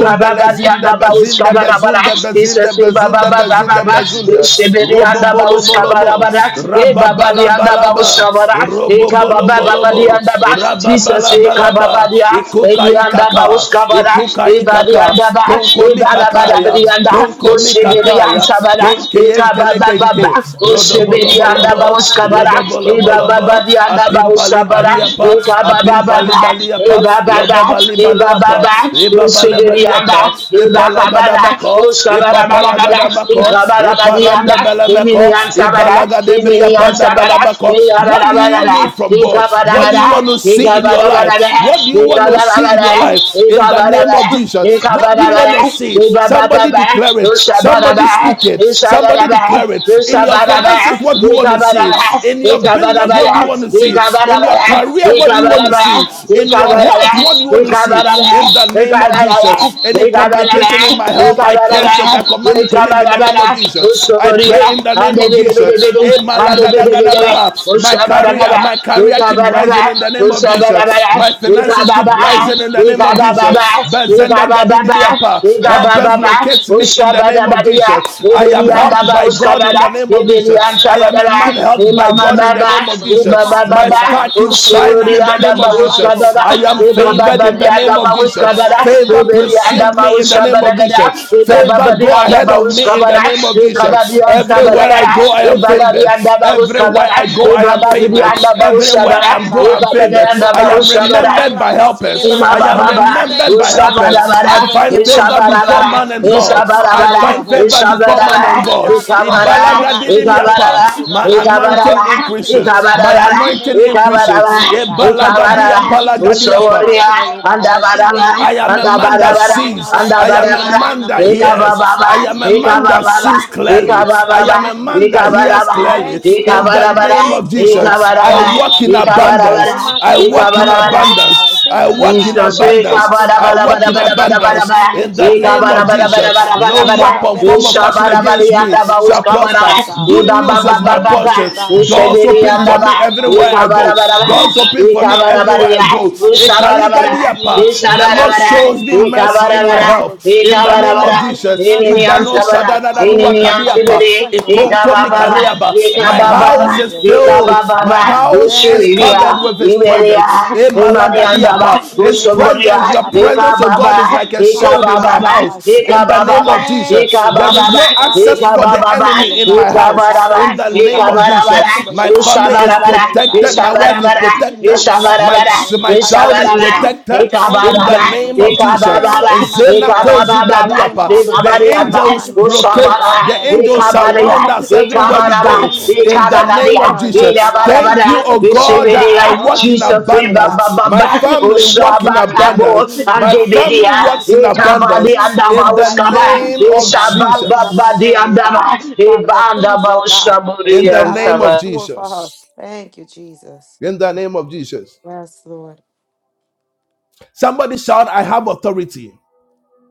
Speaker 2: Baba de Anda
Speaker 7: bezinda
Speaker 2: Bauskabara Bara,
Speaker 7: bezunda bezunda
Speaker 2: Jesus Eva
Speaker 7: bezunda
Speaker 2: Baba Baba
Speaker 7: bezunda
Speaker 2: Baba,
Speaker 7: bezunda,
Speaker 2: Shibiri Anda
Speaker 7: robobo
Speaker 2: Bauskabara
Speaker 7: Robobolobo,
Speaker 2: Bara, Eva Baba de Anda
Speaker 7: Rababalabalaba,
Speaker 2: Bausabara, Eka Baba Baba
Speaker 7: Robobolobo,
Speaker 2: de Anda Bas, Jesus Eka Baba
Speaker 7: Rababalabalaba,
Speaker 2: de
Speaker 7: Ikukaikaka,
Speaker 2: Anda Kabada, Ibadi
Speaker 7: Ikukaikaka,
Speaker 2: and Daba, Ibada
Speaker 7: Konkomikakaya,
Speaker 2: Badabadi and Da, Ushibidi and
Speaker 7: Konkomikakaya,
Speaker 2: Sabada, Ikababa
Speaker 7: Kenkeyenkelekenke,
Speaker 2: Baba, Ushibidi and Daba
Speaker 7: Rodobolobolobo,
Speaker 2: Uskabada,
Speaker 7: Rodobolobolobo,
Speaker 2: Ibabadi and Daba Usabada,
Speaker 7: Apimpalibadiapa,
Speaker 2: Ikababa Baba,
Speaker 7: Apimpalibaliapa,
Speaker 2: Ibabada,
Speaker 7: Lobabalibalapa,
Speaker 2: Ibababa, Ushibidi and
Speaker 7: Libabalabaliapa,
Speaker 2: Da, Ibakabada,
Speaker 7: Ipalagadabako,
Speaker 2: Uskabada Bada Bada,
Speaker 7: Ipapalagadabako, balabako,
Speaker 2: Ikabada Badi and Da,
Speaker 7: Iparanda
Speaker 2: Imini
Speaker 7: belemeko,
Speaker 2: and Sabada,
Speaker 7: Ibalaga debria
Speaker 2: Imini and
Speaker 7: panda
Speaker 2: Sabada,
Speaker 7: balabako. What
Speaker 2: Ikabada
Speaker 7: do you
Speaker 2: Bada,
Speaker 7: need from God?
Speaker 2: Ikabada
Speaker 7: What do you
Speaker 2: Bada,
Speaker 7: want to see in your
Speaker 2: Ikabada
Speaker 7: life?
Speaker 2: Bada,
Speaker 7: What do you want to
Speaker 2: Ikabada
Speaker 7: see in your
Speaker 2: Bada,
Speaker 7: life? In the name of Jesus, what do you want to see? Somebody declare it. Somebody speak it. Somebody declare it. In your finances, what do you want to see? In your business, what do you want to see? In your career, what do you want to see? In your health, what do you want to see? In
Speaker 2: Ikabara
Speaker 7: the name of Jesus, any complication in my health? health. I curse it. I command it to live in the name of Jesus. I pray in the name of Jesus. Eh, malagadagadabaha. My career, my career keep rising in the name of Jesus. My finances keep rising in the name of Jesus. Bezenda gadididiapa. Help us locate me in the name of Jesus. I am helped by God in the name
Speaker 2: Ushaba
Speaker 7: of
Speaker 2: Ibidi
Speaker 7: Jesus. I am a
Speaker 2: Antabadala,
Speaker 7: man helped by
Speaker 8: for
Speaker 2: Imama
Speaker 7: God
Speaker 8: the
Speaker 7: in the
Speaker 2: Baba,
Speaker 7: name of
Speaker 8: impossible, the
Speaker 2: Ibaba
Speaker 7: Jesus.
Speaker 8: impossible,
Speaker 7: My
Speaker 8: oh
Speaker 2: Baba,
Speaker 8: God,
Speaker 7: star
Speaker 8: that's
Speaker 7: keeps
Speaker 8: happening, oh
Speaker 7: shining
Speaker 2: Usuri
Speaker 7: in
Speaker 8: God,
Speaker 7: the
Speaker 2: and
Speaker 7: name
Speaker 8: in
Speaker 7: of
Speaker 8: my life, oh
Speaker 7: Jesus.
Speaker 2: Abawuskadada,
Speaker 7: I
Speaker 8: God,
Speaker 7: am
Speaker 8: Father, my
Speaker 2: Ibaba
Speaker 7: favored
Speaker 8: career,
Speaker 7: in
Speaker 2: Babi
Speaker 7: the
Speaker 8: oh
Speaker 2: and
Speaker 7: name
Speaker 8: God,
Speaker 7: of
Speaker 8: in the
Speaker 7: Jesus.
Speaker 2: Abawuskadada,
Speaker 8: lives of
Speaker 7: Favor
Speaker 8: my
Speaker 7: Favor
Speaker 2: Ibidi
Speaker 8: children,
Speaker 2: and
Speaker 7: precede me in the name of
Speaker 2: Abawuskabadada,
Speaker 7: Jesus.
Speaker 2: Ibaba
Speaker 7: Favor
Speaker 2: Babi
Speaker 7: go
Speaker 2: and
Speaker 7: ahead of me in the
Speaker 2: Abawuskabada,
Speaker 7: name of
Speaker 2: Ikabadi
Speaker 7: Jesus.
Speaker 2: and
Speaker 7: Everywhere
Speaker 2: Sabadada,
Speaker 7: I go, I am
Speaker 2: Ibaba Babi
Speaker 7: favored.
Speaker 2: and
Speaker 7: Everywhere
Speaker 2: Abawuskabada,
Speaker 7: I go, I
Speaker 2: Ibaba
Speaker 7: am
Speaker 8: oh
Speaker 2: Babi
Speaker 7: favored.
Speaker 2: and
Speaker 8: God. Thank
Speaker 7: Everywhere
Speaker 8: you,
Speaker 2: Abawuskabada,
Speaker 7: I
Speaker 8: oh
Speaker 7: am go,
Speaker 8: God. I
Speaker 7: I'm
Speaker 2: Ikabadi
Speaker 8: thank
Speaker 7: favored.
Speaker 8: you,
Speaker 2: and
Speaker 8: oh
Speaker 7: I
Speaker 8: God.
Speaker 7: am remembered
Speaker 8: Father,
Speaker 2: Abawuskabada,
Speaker 8: I
Speaker 7: by
Speaker 8: bless your name and
Speaker 7: helpers.
Speaker 8: I
Speaker 2: Ima
Speaker 7: I
Speaker 8: give
Speaker 7: am
Speaker 8: you
Speaker 2: baba
Speaker 8: praise.
Speaker 2: baba,
Speaker 7: remembered
Speaker 8: Thank you,
Speaker 7: by
Speaker 2: Isha
Speaker 8: mighty
Speaker 2: bara
Speaker 7: helpers.
Speaker 8: God,
Speaker 2: bara,
Speaker 7: I
Speaker 8: for the
Speaker 7: find
Speaker 2: Isha
Speaker 7: favor
Speaker 2: bara
Speaker 8: impossible, oh
Speaker 7: before
Speaker 8: God,
Speaker 2: bara,
Speaker 8: has
Speaker 7: man and
Speaker 8: been
Speaker 2: Isha
Speaker 7: God.
Speaker 8: made
Speaker 2: bara
Speaker 7: I
Speaker 8: possible,
Speaker 2: bara,
Speaker 7: find
Speaker 8: Jehovah.
Speaker 7: favor
Speaker 2: Isha
Speaker 7: before
Speaker 2: bara
Speaker 7: man and
Speaker 2: bara,
Speaker 8: Father, oh,
Speaker 7: God.
Speaker 8: God, we
Speaker 2: Ika
Speaker 8: rise up, oh
Speaker 2: bara
Speaker 8: God, and we
Speaker 2: Ika
Speaker 8: say
Speaker 2: bara,
Speaker 8: thank
Speaker 2: bara
Speaker 8: you,
Speaker 7: Ibalagadidimiapa.
Speaker 8: oh,
Speaker 7: My
Speaker 8: God,
Speaker 2: Ika
Speaker 8: for
Speaker 2: bara,
Speaker 8: the
Speaker 7: anointing
Speaker 2: bara
Speaker 8: impossible, oh
Speaker 2: Ika
Speaker 7: increases.
Speaker 8: God,
Speaker 2: bara,
Speaker 7: My
Speaker 8: has
Speaker 2: bara
Speaker 8: been
Speaker 7: anointing
Speaker 8: made
Speaker 2: Ika
Speaker 8: possible
Speaker 2: bara, bara
Speaker 7: increases.
Speaker 8: today, oh God.
Speaker 2: Ika bara,
Speaker 8: Thank you,
Speaker 2: bara
Speaker 8: Jesus, for the
Speaker 7: Ibalagadiapalagadiapa.
Speaker 2: Ushoriya,
Speaker 8: impossible, oh God,
Speaker 2: Anda
Speaker 8: has
Speaker 2: bara,
Speaker 8: been made
Speaker 2: bara
Speaker 7: I am
Speaker 8: possible,
Speaker 7: a
Speaker 8: oh
Speaker 2: Anda
Speaker 8: God.
Speaker 7: man
Speaker 2: bara,
Speaker 7: that
Speaker 2: bara
Speaker 8: Father, in our
Speaker 7: sees.
Speaker 2: Anda
Speaker 8: lives
Speaker 7: I
Speaker 2: bara, bara
Speaker 7: am
Speaker 8: today,
Speaker 7: a
Speaker 2: anda anda
Speaker 8: God, in
Speaker 2: anda
Speaker 7: man
Speaker 8: the
Speaker 7: that
Speaker 8: mighty name of
Speaker 7: hears.
Speaker 2: Imabababa,
Speaker 7: I
Speaker 8: Jesus.
Speaker 7: am a man
Speaker 8: Father,
Speaker 7: that
Speaker 8: I bless
Speaker 7: sees
Speaker 8: you, Lord,
Speaker 7: clearly.
Speaker 8: I say
Speaker 7: I
Speaker 2: Ushabadabada,
Speaker 7: am a
Speaker 8: thank
Speaker 2: Ishabadabada,
Speaker 8: you.
Speaker 7: man that hears
Speaker 2: Ishabadabada,
Speaker 7: clearly.
Speaker 8: Thank you,
Speaker 7: In
Speaker 8: God.
Speaker 7: the name of
Speaker 8: Thank you, Lord.
Speaker 7: Jesus, I
Speaker 2: Ishabadabada, Ikabada,
Speaker 8: Thank
Speaker 7: walk
Speaker 2: Ikabadaba,
Speaker 7: in
Speaker 8: you,
Speaker 2: Ikabadaba, Ikabadabada, bara bara, Usawaria, bara
Speaker 8: mighty
Speaker 2: bara, Andabadabada, bara bara, Ikabababa, bara bara,
Speaker 8: God. And no
Speaker 7: abundance.
Speaker 8: matter,
Speaker 7: I
Speaker 8: oh God,
Speaker 7: walk
Speaker 2: Ikabadaba, bara
Speaker 8: how
Speaker 7: in
Speaker 8: it looks,
Speaker 2: bara.
Speaker 8: oh God, I
Speaker 7: abundance. I
Speaker 8: thank you, oh
Speaker 7: walk in
Speaker 8: God.
Speaker 2: Misha sheka
Speaker 8: Father, oh
Speaker 7: abundance.
Speaker 2: bara
Speaker 7: I
Speaker 8: God,
Speaker 2: bara
Speaker 8: the
Speaker 7: walk
Speaker 2: bara
Speaker 7: in
Speaker 2: bara
Speaker 8: impossible, oh
Speaker 2: bara
Speaker 8: God, is
Speaker 2: bara
Speaker 7: abundance.
Speaker 2: bara.
Speaker 8: being
Speaker 7: In
Speaker 8: made
Speaker 7: the
Speaker 2: Sheka
Speaker 7: name
Speaker 8: possible in
Speaker 2: bara
Speaker 7: of
Speaker 8: my
Speaker 2: bara
Speaker 8: life,
Speaker 2: bara
Speaker 8: oh
Speaker 7: Jesus,
Speaker 2: bara
Speaker 8: God.
Speaker 2: bara
Speaker 7: no
Speaker 2: bara.
Speaker 8: Lord, I
Speaker 7: weapon
Speaker 8: bless
Speaker 7: formed
Speaker 8: your
Speaker 7: or
Speaker 8: name,
Speaker 2: Misha
Speaker 7: fashioned
Speaker 8: God,
Speaker 2: bara
Speaker 8: and I
Speaker 2: bara
Speaker 8: give
Speaker 7: against
Speaker 8: you
Speaker 7: me
Speaker 8: praise, and I
Speaker 7: shall
Speaker 8: thank
Speaker 2: bara.
Speaker 7: prosper.
Speaker 8: you, oh God.
Speaker 7: Good
Speaker 2: Iba ba
Speaker 7: news
Speaker 8: Lord,
Speaker 2: ba
Speaker 8: I
Speaker 7: is
Speaker 2: ba
Speaker 7: my
Speaker 2: ba
Speaker 8: thank
Speaker 2: ba.
Speaker 8: you, oh
Speaker 7: portion.
Speaker 8: God, that
Speaker 2: Ushe
Speaker 7: Doors
Speaker 8: goodness and
Speaker 2: biri
Speaker 7: open
Speaker 8: mercy,
Speaker 7: for
Speaker 2: yanda
Speaker 8: oh
Speaker 2: ba.
Speaker 7: me
Speaker 8: God, Father,
Speaker 7: everywhere
Speaker 8: is
Speaker 2: Ika
Speaker 7: I
Speaker 2: bara
Speaker 7: go.
Speaker 2: bara
Speaker 8: overtaking us,
Speaker 2: bara.
Speaker 8: oh
Speaker 7: Doors
Speaker 8: God.
Speaker 7: open for for
Speaker 2: Ika
Speaker 7: me
Speaker 8: Your
Speaker 2: bara bara
Speaker 7: everywhere
Speaker 8: goodness, your
Speaker 7: I
Speaker 2: ya.
Speaker 7: go.
Speaker 8: mercy, oh God.
Speaker 2: bara bara.
Speaker 8: Thank you, Lord, for
Speaker 7: Ekaligadiapa,
Speaker 2: Isha
Speaker 8: the
Speaker 7: The
Speaker 2: bara
Speaker 7: Lord
Speaker 2: bara.
Speaker 8: impossible, the
Speaker 7: shows me
Speaker 2: Ika
Speaker 8: impossible, the
Speaker 7: mercy
Speaker 2: bara
Speaker 7: in my
Speaker 2: bara.
Speaker 8: impossible,
Speaker 7: health. In
Speaker 8: Jesus.
Speaker 7: the name
Speaker 2: Ikabarabara,
Speaker 7: of
Speaker 8: Father, for it's
Speaker 7: Jesus.
Speaker 8: not by
Speaker 2: ininiam
Speaker 8: might,
Speaker 7: Idano
Speaker 8: it's not
Speaker 2: sabara,
Speaker 8: by power, God, but it's
Speaker 2: ininiam
Speaker 8: by
Speaker 7: sadadadanuatadiapa,
Speaker 8: your
Speaker 2: sibiri,
Speaker 8: strength, oh God, saith the
Speaker 2: ikabababa,
Speaker 8: Lord.
Speaker 7: ikonkomikaleaba. My
Speaker 8: Thank you,
Speaker 2: ikabababa,
Speaker 7: house is
Speaker 8: Jesus.
Speaker 7: filled.
Speaker 2: ikabababa,
Speaker 7: My house is
Speaker 8: Thank you,
Speaker 2: ushiriya,
Speaker 7: covered
Speaker 8: Lord, for
Speaker 7: with
Speaker 8: the
Speaker 7: his
Speaker 2: iberiya,
Speaker 8: impossible.
Speaker 7: presence.
Speaker 8: The impossible, oh God,
Speaker 2: imaniandaba,
Speaker 8: that's
Speaker 7: Emalagadiapa,
Speaker 8: being
Speaker 7: His
Speaker 8: made.
Speaker 2: usoboria,
Speaker 7: presence,
Speaker 8: Oh
Speaker 7: your
Speaker 8: God, that's oh
Speaker 7: presence, oh
Speaker 8: God,
Speaker 2: ikababa,
Speaker 7: God,
Speaker 8: that
Speaker 7: is like
Speaker 8: comes
Speaker 7: a
Speaker 8: to pass,
Speaker 7: shield
Speaker 8: oh
Speaker 7: in
Speaker 8: God,
Speaker 7: my
Speaker 8: in
Speaker 2: ikabababa,
Speaker 8: our life,
Speaker 7: house.
Speaker 8: oh God.
Speaker 7: In the name
Speaker 2: ikabababa,
Speaker 7: of
Speaker 8: Thank you,
Speaker 7: Jesus. There
Speaker 8: Lord.
Speaker 7: is
Speaker 2: ikabababa,
Speaker 7: no
Speaker 8: Father, for
Speaker 7: access
Speaker 8: the
Speaker 7: for the
Speaker 2: ikabababa,
Speaker 7: enemy
Speaker 8: impossible, oh
Speaker 7: in my
Speaker 8: God.
Speaker 7: house.
Speaker 8: That's
Speaker 2: ikabaraba,
Speaker 7: In
Speaker 8: coming,
Speaker 7: the
Speaker 8: oh
Speaker 7: name
Speaker 8: God.
Speaker 7: of
Speaker 8: The
Speaker 7: Jesus.
Speaker 2: ikabarabara,
Speaker 8: impossible, oh
Speaker 7: My
Speaker 8: God. The
Speaker 7: family is
Speaker 2: ushabarabara,
Speaker 8: impossible, oh God. The
Speaker 7: protected. My wife is
Speaker 8: impossible
Speaker 2: ishabarabara,
Speaker 8: that's being
Speaker 7: protected.
Speaker 8: manifested,
Speaker 7: My,
Speaker 8: oh God,
Speaker 7: ch-
Speaker 2: ishabarabara,
Speaker 8: in
Speaker 7: my
Speaker 8: our
Speaker 2: Jesus,
Speaker 8: lives
Speaker 2: and
Speaker 7: child is
Speaker 8: today, oh God.
Speaker 7: protected
Speaker 8: Thank you,
Speaker 7: in the name
Speaker 8: Jesus.
Speaker 7: of Jesus.
Speaker 8: Thank you, mighty
Speaker 7: Zena
Speaker 8: God.
Speaker 7: kozi
Speaker 8: For the
Speaker 7: gadiapa.
Speaker 8: impossible, oh
Speaker 7: The
Speaker 8: God, that's
Speaker 7: angels
Speaker 8: manifesting, oh
Speaker 7: locate,
Speaker 8: God, in
Speaker 7: the
Speaker 8: our lives
Speaker 7: angels
Speaker 8: today, oh
Speaker 7: surround
Speaker 8: God.
Speaker 7: us everywhere we
Speaker 8: Thank you,
Speaker 7: go
Speaker 8: Jesus, oh
Speaker 7: in the
Speaker 8: God
Speaker 7: name
Speaker 8: in
Speaker 7: of
Speaker 8: our health, oh
Speaker 7: Jesus.
Speaker 8: God, in our
Speaker 7: Thank you, oh
Speaker 8: businesses, oh
Speaker 7: God,
Speaker 8: God.
Speaker 7: that I
Speaker 8: Lord, I
Speaker 7: walk in
Speaker 8: thank you, oh God.
Speaker 7: abundance. My
Speaker 8: Father, for the
Speaker 7: family walk in
Speaker 8: impossible, oh God, that's being
Speaker 7: abundance.
Speaker 8: made
Speaker 7: My
Speaker 8: possible,
Speaker 7: family
Speaker 8: oh
Speaker 2: Debidia,
Speaker 8: God.
Speaker 7: walks in
Speaker 8: Father, I
Speaker 2: Ekabadi
Speaker 8: thank
Speaker 2: and
Speaker 7: abundance
Speaker 8: you, oh
Speaker 7: in
Speaker 8: God, that
Speaker 7: the
Speaker 8: eyes
Speaker 2: Dabauskaba,
Speaker 8: have not
Speaker 7: name
Speaker 8: seen, oh
Speaker 7: of
Speaker 8: God, and ears have not
Speaker 2: Ishababa,
Speaker 7: Jesus.
Speaker 2: the
Speaker 8: heard, oh God.
Speaker 2: Andama,
Speaker 8: Father, the
Speaker 2: Ebanda
Speaker 8: things, oh God, that
Speaker 7: In
Speaker 8: you,
Speaker 2: Baushaburi
Speaker 8: oh
Speaker 7: the
Speaker 2: and
Speaker 8: God, have
Speaker 7: name
Speaker 8: in
Speaker 7: of
Speaker 2: Saba.
Speaker 8: store for us.
Speaker 7: Jesus.
Speaker 8: Thank you, Jesus.
Speaker 7: in the name of Jesus.
Speaker 8: Yes, Lord.
Speaker 7: Somebody shout, I have authority.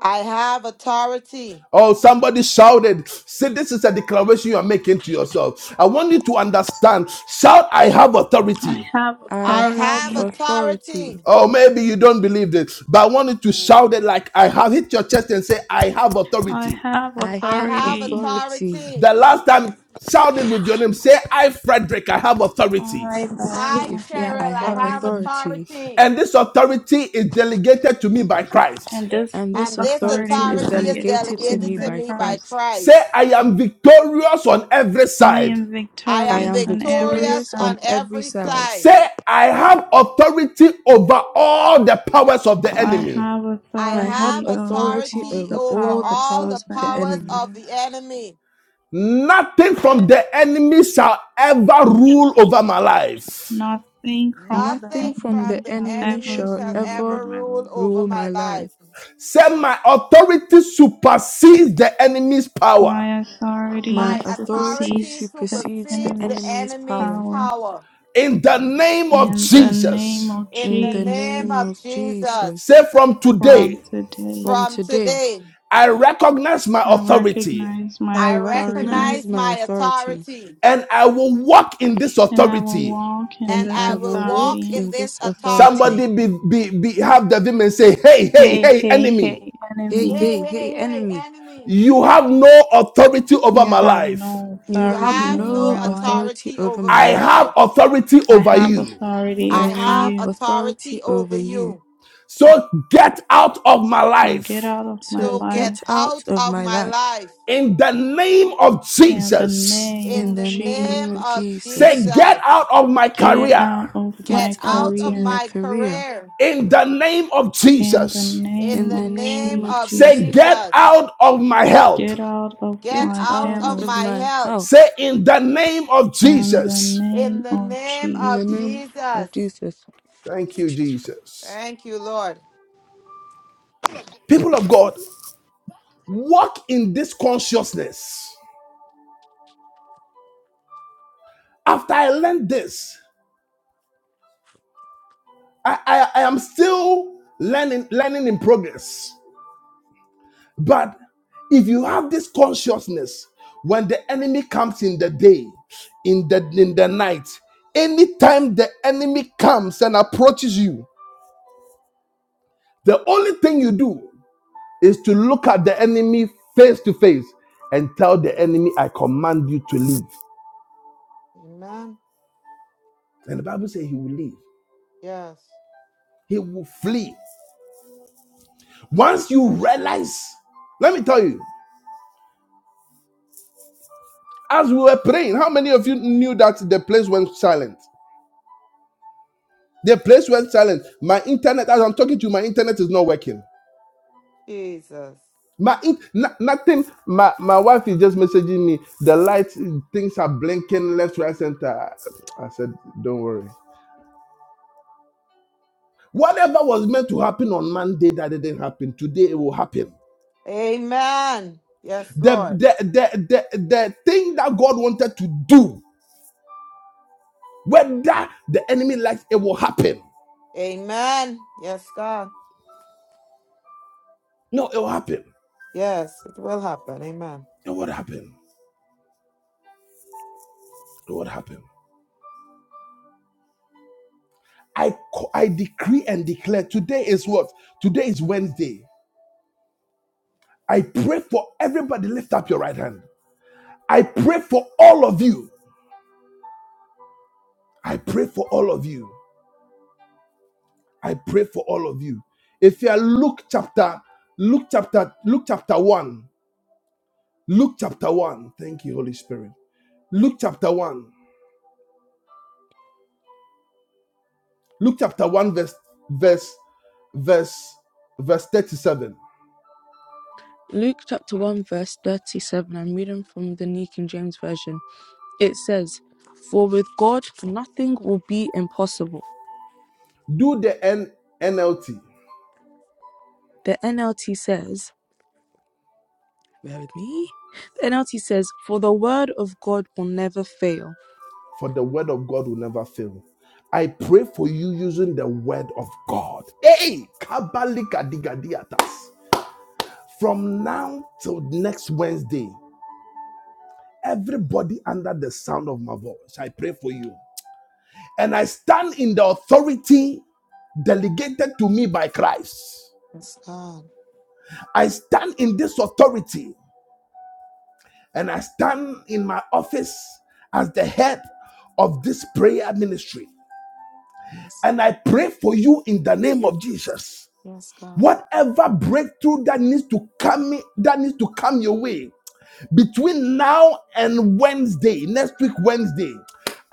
Speaker 8: I have authority.
Speaker 7: Oh, somebody shouted. See, this is a declaration you are making to yourself. I want you to understand. Shout, I have
Speaker 9: I
Speaker 7: authority.
Speaker 9: have
Speaker 8: I
Speaker 6: I have
Speaker 8: have
Speaker 9: authority.
Speaker 6: authority.
Speaker 8: authority.
Speaker 7: Oh, maybe you don't believe this, but I want you to shout it
Speaker 8: Jesus.
Speaker 7: like I have. Hit your chest and say, I have
Speaker 9: I
Speaker 7: authority.
Speaker 9: have
Speaker 6: I
Speaker 8: I
Speaker 6: have
Speaker 8: have
Speaker 9: authority.
Speaker 6: authority.
Speaker 8: authority.
Speaker 7: The last time, shout it with your name. Say, I, Frederick, I have authority.
Speaker 9: I Baba,
Speaker 6: I,
Speaker 8: Hi,
Speaker 6: if
Speaker 9: have
Speaker 6: yeah,
Speaker 8: Cheryl.
Speaker 6: I
Speaker 8: I
Speaker 6: have
Speaker 8: have
Speaker 9: authority.
Speaker 6: authority,
Speaker 8: authority.
Speaker 7: And this authority is delegated to me by Christ.
Speaker 9: And this
Speaker 6: and
Speaker 9: full
Speaker 6: this
Speaker 8: and this
Speaker 9: authority
Speaker 6: authority is
Speaker 9: is
Speaker 8: authority is
Speaker 9: delegated
Speaker 6: delegated
Speaker 9: to
Speaker 6: to
Speaker 9: me
Speaker 8: delegated
Speaker 6: me
Speaker 8: to
Speaker 9: by
Speaker 6: by
Speaker 8: me by
Speaker 9: Christ.
Speaker 6: Christ.
Speaker 7: Say,
Speaker 8: Christ.
Speaker 7: I am victorious on every
Speaker 9: I
Speaker 7: side.
Speaker 9: am
Speaker 8: I
Speaker 6: I
Speaker 8: am
Speaker 9: victorious
Speaker 6: am
Speaker 9: on every
Speaker 8: victorious
Speaker 6: victorious
Speaker 9: side.
Speaker 8: on
Speaker 6: on every
Speaker 8: every
Speaker 6: side.
Speaker 8: side.
Speaker 7: Say, I have authority over all the powers of the
Speaker 9: I
Speaker 7: enemy.
Speaker 9: have
Speaker 8: I
Speaker 6: I have
Speaker 8: have
Speaker 9: authority over
Speaker 6: authority
Speaker 9: all
Speaker 8: authority
Speaker 6: over
Speaker 9: the
Speaker 8: over
Speaker 6: all the
Speaker 9: powers
Speaker 8: all
Speaker 9: of
Speaker 8: the
Speaker 6: powers of
Speaker 9: the
Speaker 6: the
Speaker 8: powers
Speaker 6: enemy.
Speaker 8: of
Speaker 9: enemy.
Speaker 8: the enemy.
Speaker 7: Nothing from the enemy shall ever rule over my life.
Speaker 9: Nothing from the
Speaker 6: Nothing
Speaker 8: Nothing
Speaker 6: from
Speaker 8: from
Speaker 9: enemy
Speaker 6: the
Speaker 8: the
Speaker 9: shall
Speaker 6: enemy
Speaker 9: ever
Speaker 8: enemy
Speaker 6: shall
Speaker 8: shall
Speaker 9: rule
Speaker 6: ever
Speaker 9: over
Speaker 8: ever
Speaker 9: my
Speaker 8: rule
Speaker 9: life.
Speaker 8: over
Speaker 6: rule my
Speaker 8: my
Speaker 6: life.
Speaker 8: life.
Speaker 7: Say, my authority supersedes the enemy's power.
Speaker 9: My authority
Speaker 6: My
Speaker 8: My
Speaker 6: authority
Speaker 8: authority
Speaker 9: supersedes the
Speaker 6: supersedes the
Speaker 8: supersedes the
Speaker 9: enemy's
Speaker 6: enemy's
Speaker 8: enemy's
Speaker 6: power.
Speaker 9: power.
Speaker 8: power.
Speaker 7: In the name of
Speaker 9: In the name
Speaker 7: Jesus.
Speaker 9: of
Speaker 8: In
Speaker 6: In
Speaker 8: the
Speaker 6: the
Speaker 8: name
Speaker 6: name
Speaker 9: Jesus,
Speaker 8: of
Speaker 6: of
Speaker 8: Jesus,
Speaker 6: Jesus,
Speaker 7: Say, from
Speaker 9: from
Speaker 7: today,
Speaker 6: from
Speaker 9: today,
Speaker 8: from
Speaker 6: today,
Speaker 8: today,
Speaker 7: I recognize my
Speaker 9: I
Speaker 7: authority
Speaker 9: recognize
Speaker 6: I
Speaker 9: my
Speaker 8: I recognize
Speaker 9: authority
Speaker 6: recognize my
Speaker 8: my
Speaker 6: authority
Speaker 8: authority.
Speaker 7: and I will walk in this
Speaker 9: and I will
Speaker 7: authority.
Speaker 9: walk in
Speaker 6: and
Speaker 8: and
Speaker 9: this
Speaker 6: I
Speaker 8: I will
Speaker 6: will
Speaker 8: walk
Speaker 6: walk
Speaker 9: authority.
Speaker 8: in
Speaker 6: in
Speaker 8: this
Speaker 6: this authority.
Speaker 7: Somebody
Speaker 8: authority.
Speaker 7: be, be, be have the demon and say, Hey, hey,
Speaker 9: Hey,
Speaker 7: hey,
Speaker 9: hey,
Speaker 7: enemy.
Speaker 9: hey,
Speaker 6: Hey,
Speaker 9: enemy,
Speaker 8: Hey,
Speaker 6: hey, hey,
Speaker 8: hey, hey,
Speaker 6: enemy,
Speaker 8: enemy.
Speaker 7: You have no authority over
Speaker 9: you
Speaker 7: my
Speaker 9: have
Speaker 7: life.
Speaker 9: no
Speaker 6: you
Speaker 8: You
Speaker 6: have
Speaker 9: authority
Speaker 8: have
Speaker 9: over
Speaker 8: no
Speaker 6: no
Speaker 9: my life.
Speaker 6: authority
Speaker 8: authority
Speaker 6: over
Speaker 8: over
Speaker 6: my
Speaker 7: I
Speaker 8: my
Speaker 6: life.
Speaker 7: have
Speaker 8: life.
Speaker 7: authority
Speaker 9: I
Speaker 7: over
Speaker 9: have
Speaker 7: you.
Speaker 9: authority
Speaker 8: I
Speaker 6: I
Speaker 9: over
Speaker 8: have
Speaker 6: have
Speaker 9: you.
Speaker 8: authority
Speaker 6: authority over
Speaker 8: over
Speaker 6: you.
Speaker 8: you.
Speaker 7: So get out of my
Speaker 9: So
Speaker 7: life
Speaker 9: get out of my
Speaker 8: So
Speaker 6: So
Speaker 8: get
Speaker 6: get
Speaker 9: life
Speaker 6: out
Speaker 8: out
Speaker 6: of
Speaker 8: of
Speaker 6: my
Speaker 8: my
Speaker 6: life
Speaker 8: life
Speaker 7: in the name of
Speaker 9: in the
Speaker 7: Jesus.
Speaker 9: name
Speaker 8: in
Speaker 6: in
Speaker 9: of
Speaker 8: the
Speaker 6: the
Speaker 8: name
Speaker 6: name of
Speaker 9: Jesus.
Speaker 8: of
Speaker 7: Say,
Speaker 6: Jesus.
Speaker 7: get
Speaker 8: Jesus.
Speaker 7: out of my
Speaker 9: Get out
Speaker 7: career
Speaker 9: of
Speaker 8: Get
Speaker 6: Get
Speaker 9: my
Speaker 8: out
Speaker 6: out of
Speaker 8: of
Speaker 9: career
Speaker 6: my
Speaker 8: my
Speaker 6: career
Speaker 8: career
Speaker 7: in the name of
Speaker 9: in the
Speaker 7: Jesus.
Speaker 8: in
Speaker 6: in
Speaker 9: name
Speaker 8: the
Speaker 6: the
Speaker 9: of
Speaker 8: name
Speaker 6: name of
Speaker 8: of
Speaker 9: Jesus.
Speaker 7: Say,
Speaker 6: Jesus.
Speaker 7: get
Speaker 8: Jesus.
Speaker 7: out of my health.
Speaker 9: Get out of
Speaker 8: Get
Speaker 6: Get
Speaker 9: my
Speaker 8: out
Speaker 6: out
Speaker 8: of
Speaker 9: house
Speaker 6: of
Speaker 8: my
Speaker 6: my
Speaker 8: health
Speaker 6: house
Speaker 7: Say, in the name of
Speaker 9: in the
Speaker 7: Jesus.
Speaker 8: in
Speaker 9: name
Speaker 8: the
Speaker 9: of
Speaker 8: name
Speaker 6: in the
Speaker 8: of
Speaker 9: Jesus.
Speaker 6: name
Speaker 8: Jesus.
Speaker 6: of Jesus.
Speaker 7: Thank you, Jesus.
Speaker 8: Thank you, Lord.
Speaker 7: People of God, walk in this consciousness. After I learned this, I, I, I am still learning, learning in progress. But if you have this consciousness, when the enemy comes in the day, in the in the night, anytime the enemy comes and approaches you, the only thing you do is to look at the enemy face to face and tell the enemy, I command you to leave.
Speaker 8: Amen.
Speaker 7: And the Bible says he will leave,
Speaker 8: Yes.
Speaker 7: he will flee. Once you realize, let me tell you, As we were praying, how many of you knew that the place went silent? The place went silent. My internet, as I'm talking to you, my internet is not working.
Speaker 8: Jesus.
Speaker 7: My in, no- nothing. My my wife is just messaging me. The lights, things are blinking left, right, center. I said, don't worry. Whatever was meant to happen on Monday that didn't happen, today it will happen.
Speaker 8: Amen. Yes,
Speaker 7: The
Speaker 8: Lord.
Speaker 7: the the the, the thing that God wanted to do, whether the enemy likes, it will happen.
Speaker 8: Amen. Yes, God.
Speaker 7: No, it will happen.
Speaker 8: Yes, it will happen. Amen.
Speaker 7: It will happen. It will happen. I, I decree and declare today is what? Today is Wednesday. I pray for everybody, lift up your right hand. I pray for all of you. I pray for all of you. I pray for all of you. If you are Luke chapter, Luke chapter, Luke chapter 1, Luke chapter 1. Thank you, Holy Spirit. Luke chapter 1. Luke chapter 1, verse, verse, verse, verse 37.
Speaker 6: Luke chapter 1, verse 37. I'm reading from the New King James Version. It says, For with God nothing will be impossible.
Speaker 7: Do the N- NLT.
Speaker 6: The NLT says, Bear with me. The NLT says, For the word of God will never fail.
Speaker 7: for the word of God will never fail. I pray for you using the word of God. Hey, kabalikadigadiatas. from now till next Wednesday, everybody under the sound of my voice, I pray for you. And I stand in the authority delegated to me by Christ.
Speaker 8: Yes, God.
Speaker 7: I stand in this authority and I stand in my office as the head of this prayer ministry.
Speaker 8: Yes,
Speaker 7: And I pray for you in the name of Jesus
Speaker 8: yes God.
Speaker 7: Whatever breakthrough that needs to come that needs to come your way between now and Wednesday, next week Wednesday,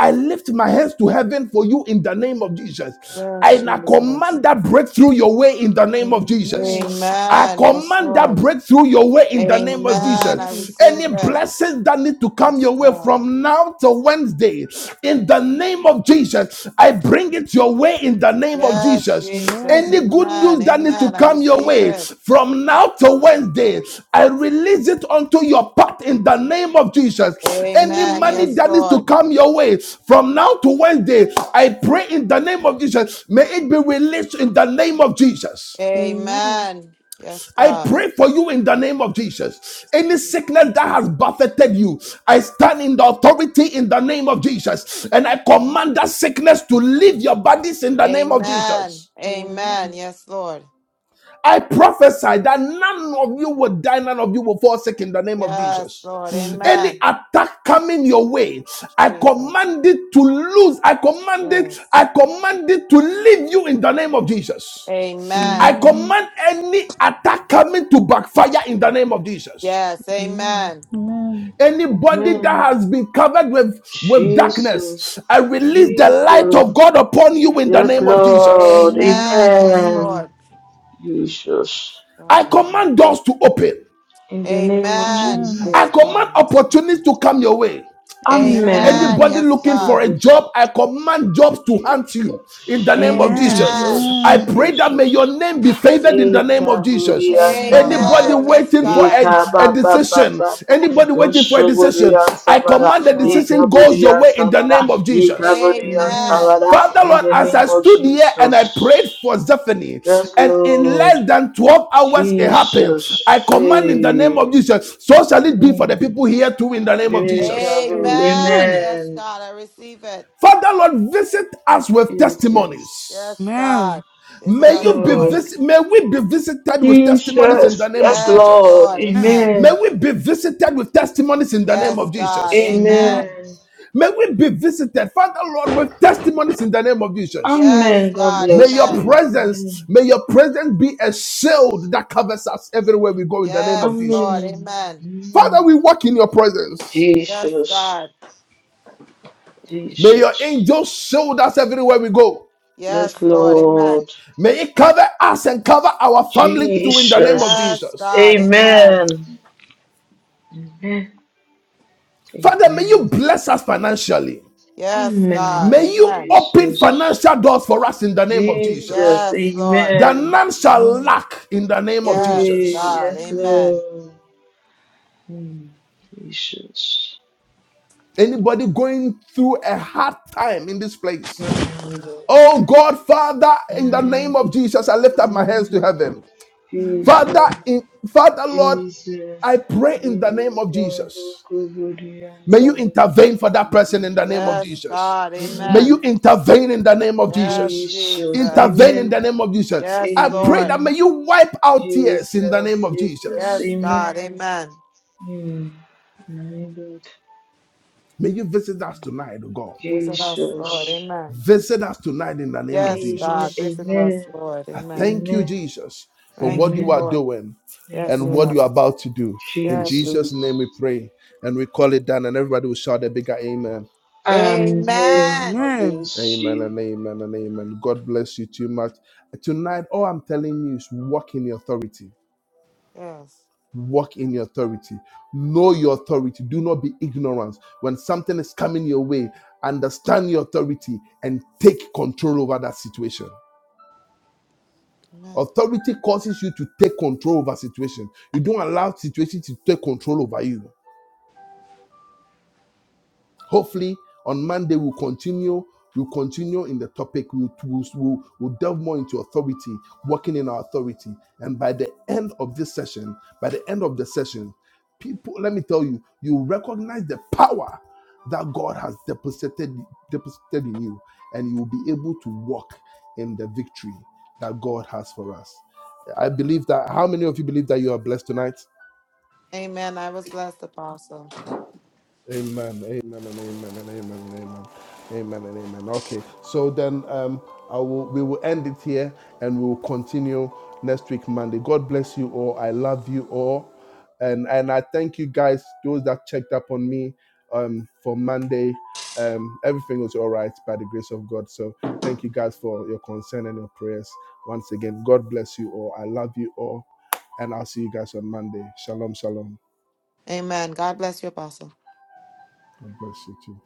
Speaker 7: I lift my hands to heaven for you in the name of Jesus.
Speaker 8: Yes,
Speaker 7: And I
Speaker 8: Jesus.
Speaker 7: command that breakthrough your way in the name of
Speaker 6: Amen.
Speaker 7: Jesus. I
Speaker 8: Amen. Yes,
Speaker 7: command that
Speaker 8: Lord.
Speaker 7: breakthrough your way in the name of
Speaker 8: Amen. I
Speaker 7: Jesus.
Speaker 6: Amen.
Speaker 8: receive
Speaker 7: Any
Speaker 8: it.
Speaker 7: blessings that need to come your
Speaker 8: Yes,
Speaker 7: way
Speaker 8: God.
Speaker 7: from now to Wednesday, in the name name of Jesus. I bring it your way in the name of
Speaker 8: Yes,
Speaker 7: Jesus.
Speaker 8: Jesus.
Speaker 6: Amen.
Speaker 7: Any good
Speaker 8: Amen.
Speaker 7: news that needs to
Speaker 8: Amen. I
Speaker 7: come your
Speaker 8: receive
Speaker 7: way
Speaker 8: it.
Speaker 7: from now to Wednesday,
Speaker 8: Amen.
Speaker 7: I release it onto your path in the name of Jesus. Any
Speaker 8: Amen.
Speaker 7: money
Speaker 6: Amen.
Speaker 8: Yes,
Speaker 7: that needs to
Speaker 8: Lord.
Speaker 7: come your way from now to Wednesday, I pray in the name of Jesus. May it be released in the name of Jesus.
Speaker 6: Amen.
Speaker 8: Amen. Yes,
Speaker 7: I
Speaker 8: God.
Speaker 7: pray for you in the name of Jesus. Any sickness that has buffeted you, I stand in the authority in the name of Jesus. And I command that sickness to leave your bodies in the name of
Speaker 8: Amen.
Speaker 7: Jesus.
Speaker 6: Amen. Amen.
Speaker 8: Amen. Yes, Lord.
Speaker 7: I prophesy that none of you will die, none of you will fall sick in the name of
Speaker 8: Yes,
Speaker 7: Jesus.
Speaker 8: Lord.
Speaker 7: Any
Speaker 8: Amen.
Speaker 7: attack coming your way, I
Speaker 8: Jesus.
Speaker 7: command it to lose. I command it,
Speaker 8: Yes.
Speaker 7: I command it to leave you in the name of Jesus. I
Speaker 8: Amen.
Speaker 6: Amen.
Speaker 9: Amen.
Speaker 7: command any attack coming to backfire in the name of Jesus.
Speaker 8: Yes.
Speaker 6: Amen.
Speaker 8: Amen.
Speaker 9: Amen.
Speaker 7: Anybody that has been covered with, with darkness,
Speaker 2: Jesus,
Speaker 7: I release the light
Speaker 2: Jesus,
Speaker 7: of God upon you in the
Speaker 2: Yes,
Speaker 7: name of Jesus.
Speaker 2: Lord.
Speaker 8: Amen.
Speaker 9: Amen.
Speaker 8: Yes,
Speaker 2: Amen.
Speaker 8: Lord.
Speaker 2: Jesus.
Speaker 7: I
Speaker 8: God. Amen.
Speaker 7: command doors to open.
Speaker 2: In the name of
Speaker 8: Amen.
Speaker 9: Amen.
Speaker 6: Amen.
Speaker 7: I
Speaker 8: Yes,
Speaker 2: Jesus.
Speaker 8: God.
Speaker 7: command
Speaker 8: Yes.
Speaker 7: opportunities to come your way.
Speaker 6: Amen.
Speaker 8: Amen.
Speaker 2: Amen.
Speaker 7: Anybody
Speaker 8: Yes,
Speaker 7: looking for
Speaker 8: God.
Speaker 2: Receive
Speaker 7: a
Speaker 2: us,
Speaker 7: job, I command jobs to hunt you in the
Speaker 2: Jesus.
Speaker 7: name of
Speaker 6: Amen.
Speaker 8: Amen.
Speaker 7: Jesus. I
Speaker 2: Jesus.
Speaker 9: Amen.
Speaker 7: pray that may your
Speaker 2: Jesus.
Speaker 7: name be favored in the name of
Speaker 2: Eka Burian
Speaker 7: Jesus.
Speaker 6: Amen.
Speaker 7: Anybody
Speaker 8: Amen.
Speaker 2: Sabara,
Speaker 8: Yes,
Speaker 7: waiting for
Speaker 8: God.
Speaker 7: a,
Speaker 2: Eka
Speaker 7: a
Speaker 2: Baba
Speaker 7: decision,
Speaker 2: Baba,
Speaker 7: anybody waiting for a
Speaker 2: Dosho
Speaker 7: decision,
Speaker 2: Burian
Speaker 7: I
Speaker 2: Sabara,
Speaker 8: Yes,
Speaker 7: command the
Speaker 8: Lord.
Speaker 7: decision
Speaker 2: Eka
Speaker 7: goes your
Speaker 2: Burian
Speaker 7: way in the
Speaker 2: Sabara,
Speaker 7: name of
Speaker 2: Eka
Speaker 7: Jesus.
Speaker 2: Burian
Speaker 6: Amen.
Speaker 8: Amen.
Speaker 2: Sabara,
Speaker 8: Yes,
Speaker 7: Father
Speaker 2: in
Speaker 7: Lord,
Speaker 2: the
Speaker 7: as
Speaker 2: name
Speaker 7: I
Speaker 8: God.
Speaker 2: of
Speaker 7: stood here and I
Speaker 2: Jesus.
Speaker 7: prayed for Zephany,
Speaker 2: Yes,
Speaker 7: and in
Speaker 2: Lord.
Speaker 7: less than 12 hours it happened, I
Speaker 2: Jesus
Speaker 7: command in the name of
Speaker 2: saved
Speaker 7: Jesus, so shall it be for the
Speaker 2: mm,
Speaker 7: people here too in the name of Jesus.
Speaker 2: miracle
Speaker 8: Amen.
Speaker 6: Amen.
Speaker 8: Yes,
Speaker 2: amen
Speaker 8: God. I receive it.
Speaker 7: Father Lord, visit us with testimonies.
Speaker 2: Jesus
Speaker 8: Yes,
Speaker 6: Amen.
Speaker 8: God. Visit
Speaker 7: May
Speaker 2: yes
Speaker 8: us,
Speaker 7: you be
Speaker 8: Lord.
Speaker 2: Lord
Speaker 7: visit, may we be visited with testimonies in the
Speaker 2: Jesus
Speaker 7: name of
Speaker 2: yes
Speaker 8: Yes,
Speaker 7: Jesus.
Speaker 2: Lord
Speaker 8: Lord. Amen.
Speaker 7: May
Speaker 2: amen
Speaker 7: we be visited with testimonies in the name
Speaker 8: Yes,
Speaker 7: of
Speaker 8: God.
Speaker 7: Jesus.
Speaker 6: Amen.
Speaker 8: Amen.
Speaker 2: amen
Speaker 7: May we be visited, Father Lord, with testimonies in the name of Jesus.
Speaker 8: Yes,
Speaker 2: amen God
Speaker 8: God.
Speaker 7: May
Speaker 2: bless
Speaker 7: your
Speaker 8: Amen.
Speaker 2: you
Speaker 7: presence,
Speaker 2: amen
Speaker 7: may your presence be a shield that covers us everywhere we go in the name of
Speaker 8: Yes, Lord.
Speaker 7: Jesus.
Speaker 2: amen
Speaker 8: Amen.
Speaker 7: Father, we walk in your presence.
Speaker 8: Yes,
Speaker 2: Jesus
Speaker 8: God.
Speaker 7: May your
Speaker 2: Jesus
Speaker 7: angels shield us everywhere we go.
Speaker 8: Yes,
Speaker 2: yes
Speaker 8: Lord. Amen.
Speaker 2: Lord
Speaker 7: May it cover us and cover our family too in the name of
Speaker 2: Jesus
Speaker 8: Yes,
Speaker 7: Jesus.
Speaker 8: God. Amen.
Speaker 2: amen amen
Speaker 7: Father, may you
Speaker 2: amen
Speaker 7: bless us financially.
Speaker 8: Yes, God.
Speaker 2: amen
Speaker 7: May you
Speaker 8: Amen.
Speaker 7: open
Speaker 2: Jesus
Speaker 7: financial doors for us in the name of
Speaker 2: Jesus,
Speaker 7: Jesus.
Speaker 8: Yes, Lord.
Speaker 7: That
Speaker 2: amen.
Speaker 6: Amen.
Speaker 7: none shall
Speaker 2: Amen.
Speaker 7: lack in the name of
Speaker 8: Yes,
Speaker 7: Jesus.
Speaker 8: God.
Speaker 2: Yes,
Speaker 8: Amen.
Speaker 2: Lord. Mm, Jesus.
Speaker 7: Anybody going through a hard time in this place,
Speaker 2: Thank God.
Speaker 7: Oh God, Father, in the name of Jesus, I lift up my hands to heaven.
Speaker 9: Amen.
Speaker 7: Father, in Father Lord, I pray in the name of Jesus. May you intervene for that person in the name of
Speaker 8: Yes,
Speaker 7: Jesus.
Speaker 8: God.
Speaker 7: May you
Speaker 8: Amen.
Speaker 7: intervene in the name of
Speaker 8: Yes,
Speaker 7: Jesus.
Speaker 8: Jesus.
Speaker 7: Intervene in the name of Jesus.
Speaker 8: Yes,
Speaker 7: I pray
Speaker 8: Lord.
Speaker 7: that may you wipe out tears in the name of Jesus.
Speaker 8: Yes, God. Amen.
Speaker 7: May you visit us tonight, oh God.
Speaker 8: Visit us, Lord. Amen.
Speaker 7: Visit us tonight in the name of
Speaker 8: Yes, God.
Speaker 7: Jesus.
Speaker 8: Visit us, Lord.
Speaker 7: I
Speaker 8: Amen.
Speaker 7: thank you, Jesus, for
Speaker 8: Thank
Speaker 7: what
Speaker 8: you,
Speaker 7: you are
Speaker 8: Lord.
Speaker 7: doing
Speaker 8: Yes,
Speaker 7: and
Speaker 8: God.
Speaker 7: what you are about to do. In
Speaker 8: Yes.
Speaker 7: Jesus' name we pray and we call it done. And everybody will shout a bigger amen.
Speaker 8: Amen.
Speaker 6: Amen.
Speaker 7: Amen and amen and amen. God bless you too much. Tonight, all I'm telling you is walk in your authority.
Speaker 8: Yes.
Speaker 7: Walk in your authority. Know your authority. Do not be ignorant. When something is coming your way, understand your authority and take control over that situation.
Speaker 8: Amen.
Speaker 7: Authority causes you to take control over situation. You don't allow situation to take control over you. Hopefully, on Monday we'll continue. We'll continue in the topic. We'll, we'll, we'll delve more into authority, working in our authority. And by the end of this session, by the end of the session, people, let me tell you, you recognize the power that God has deposited, deposited in you, and you will be able to walk in the victory that God has for us. I believe that. How many of you believe that you are blessed tonight?
Speaker 8: Amen. I was blessed, Apostle.
Speaker 7: Amen. Amen. And amen. And amen. And amen. Amen. And amen. Okay. So then, um, I will. We will end it here, and we will continue next week, Monday. God bless you all. I love you all, and and I thank you guys, those that checked up on me, um, for Monday. Um, everything was all right by the grace of God. So thank you guys for your concern and your prayers. Once again, God bless you all. I love you all, and I'll see you guys on Monday. Shalom, shalom.
Speaker 8: Amen. God bless you, Apostle.
Speaker 7: God bless you too.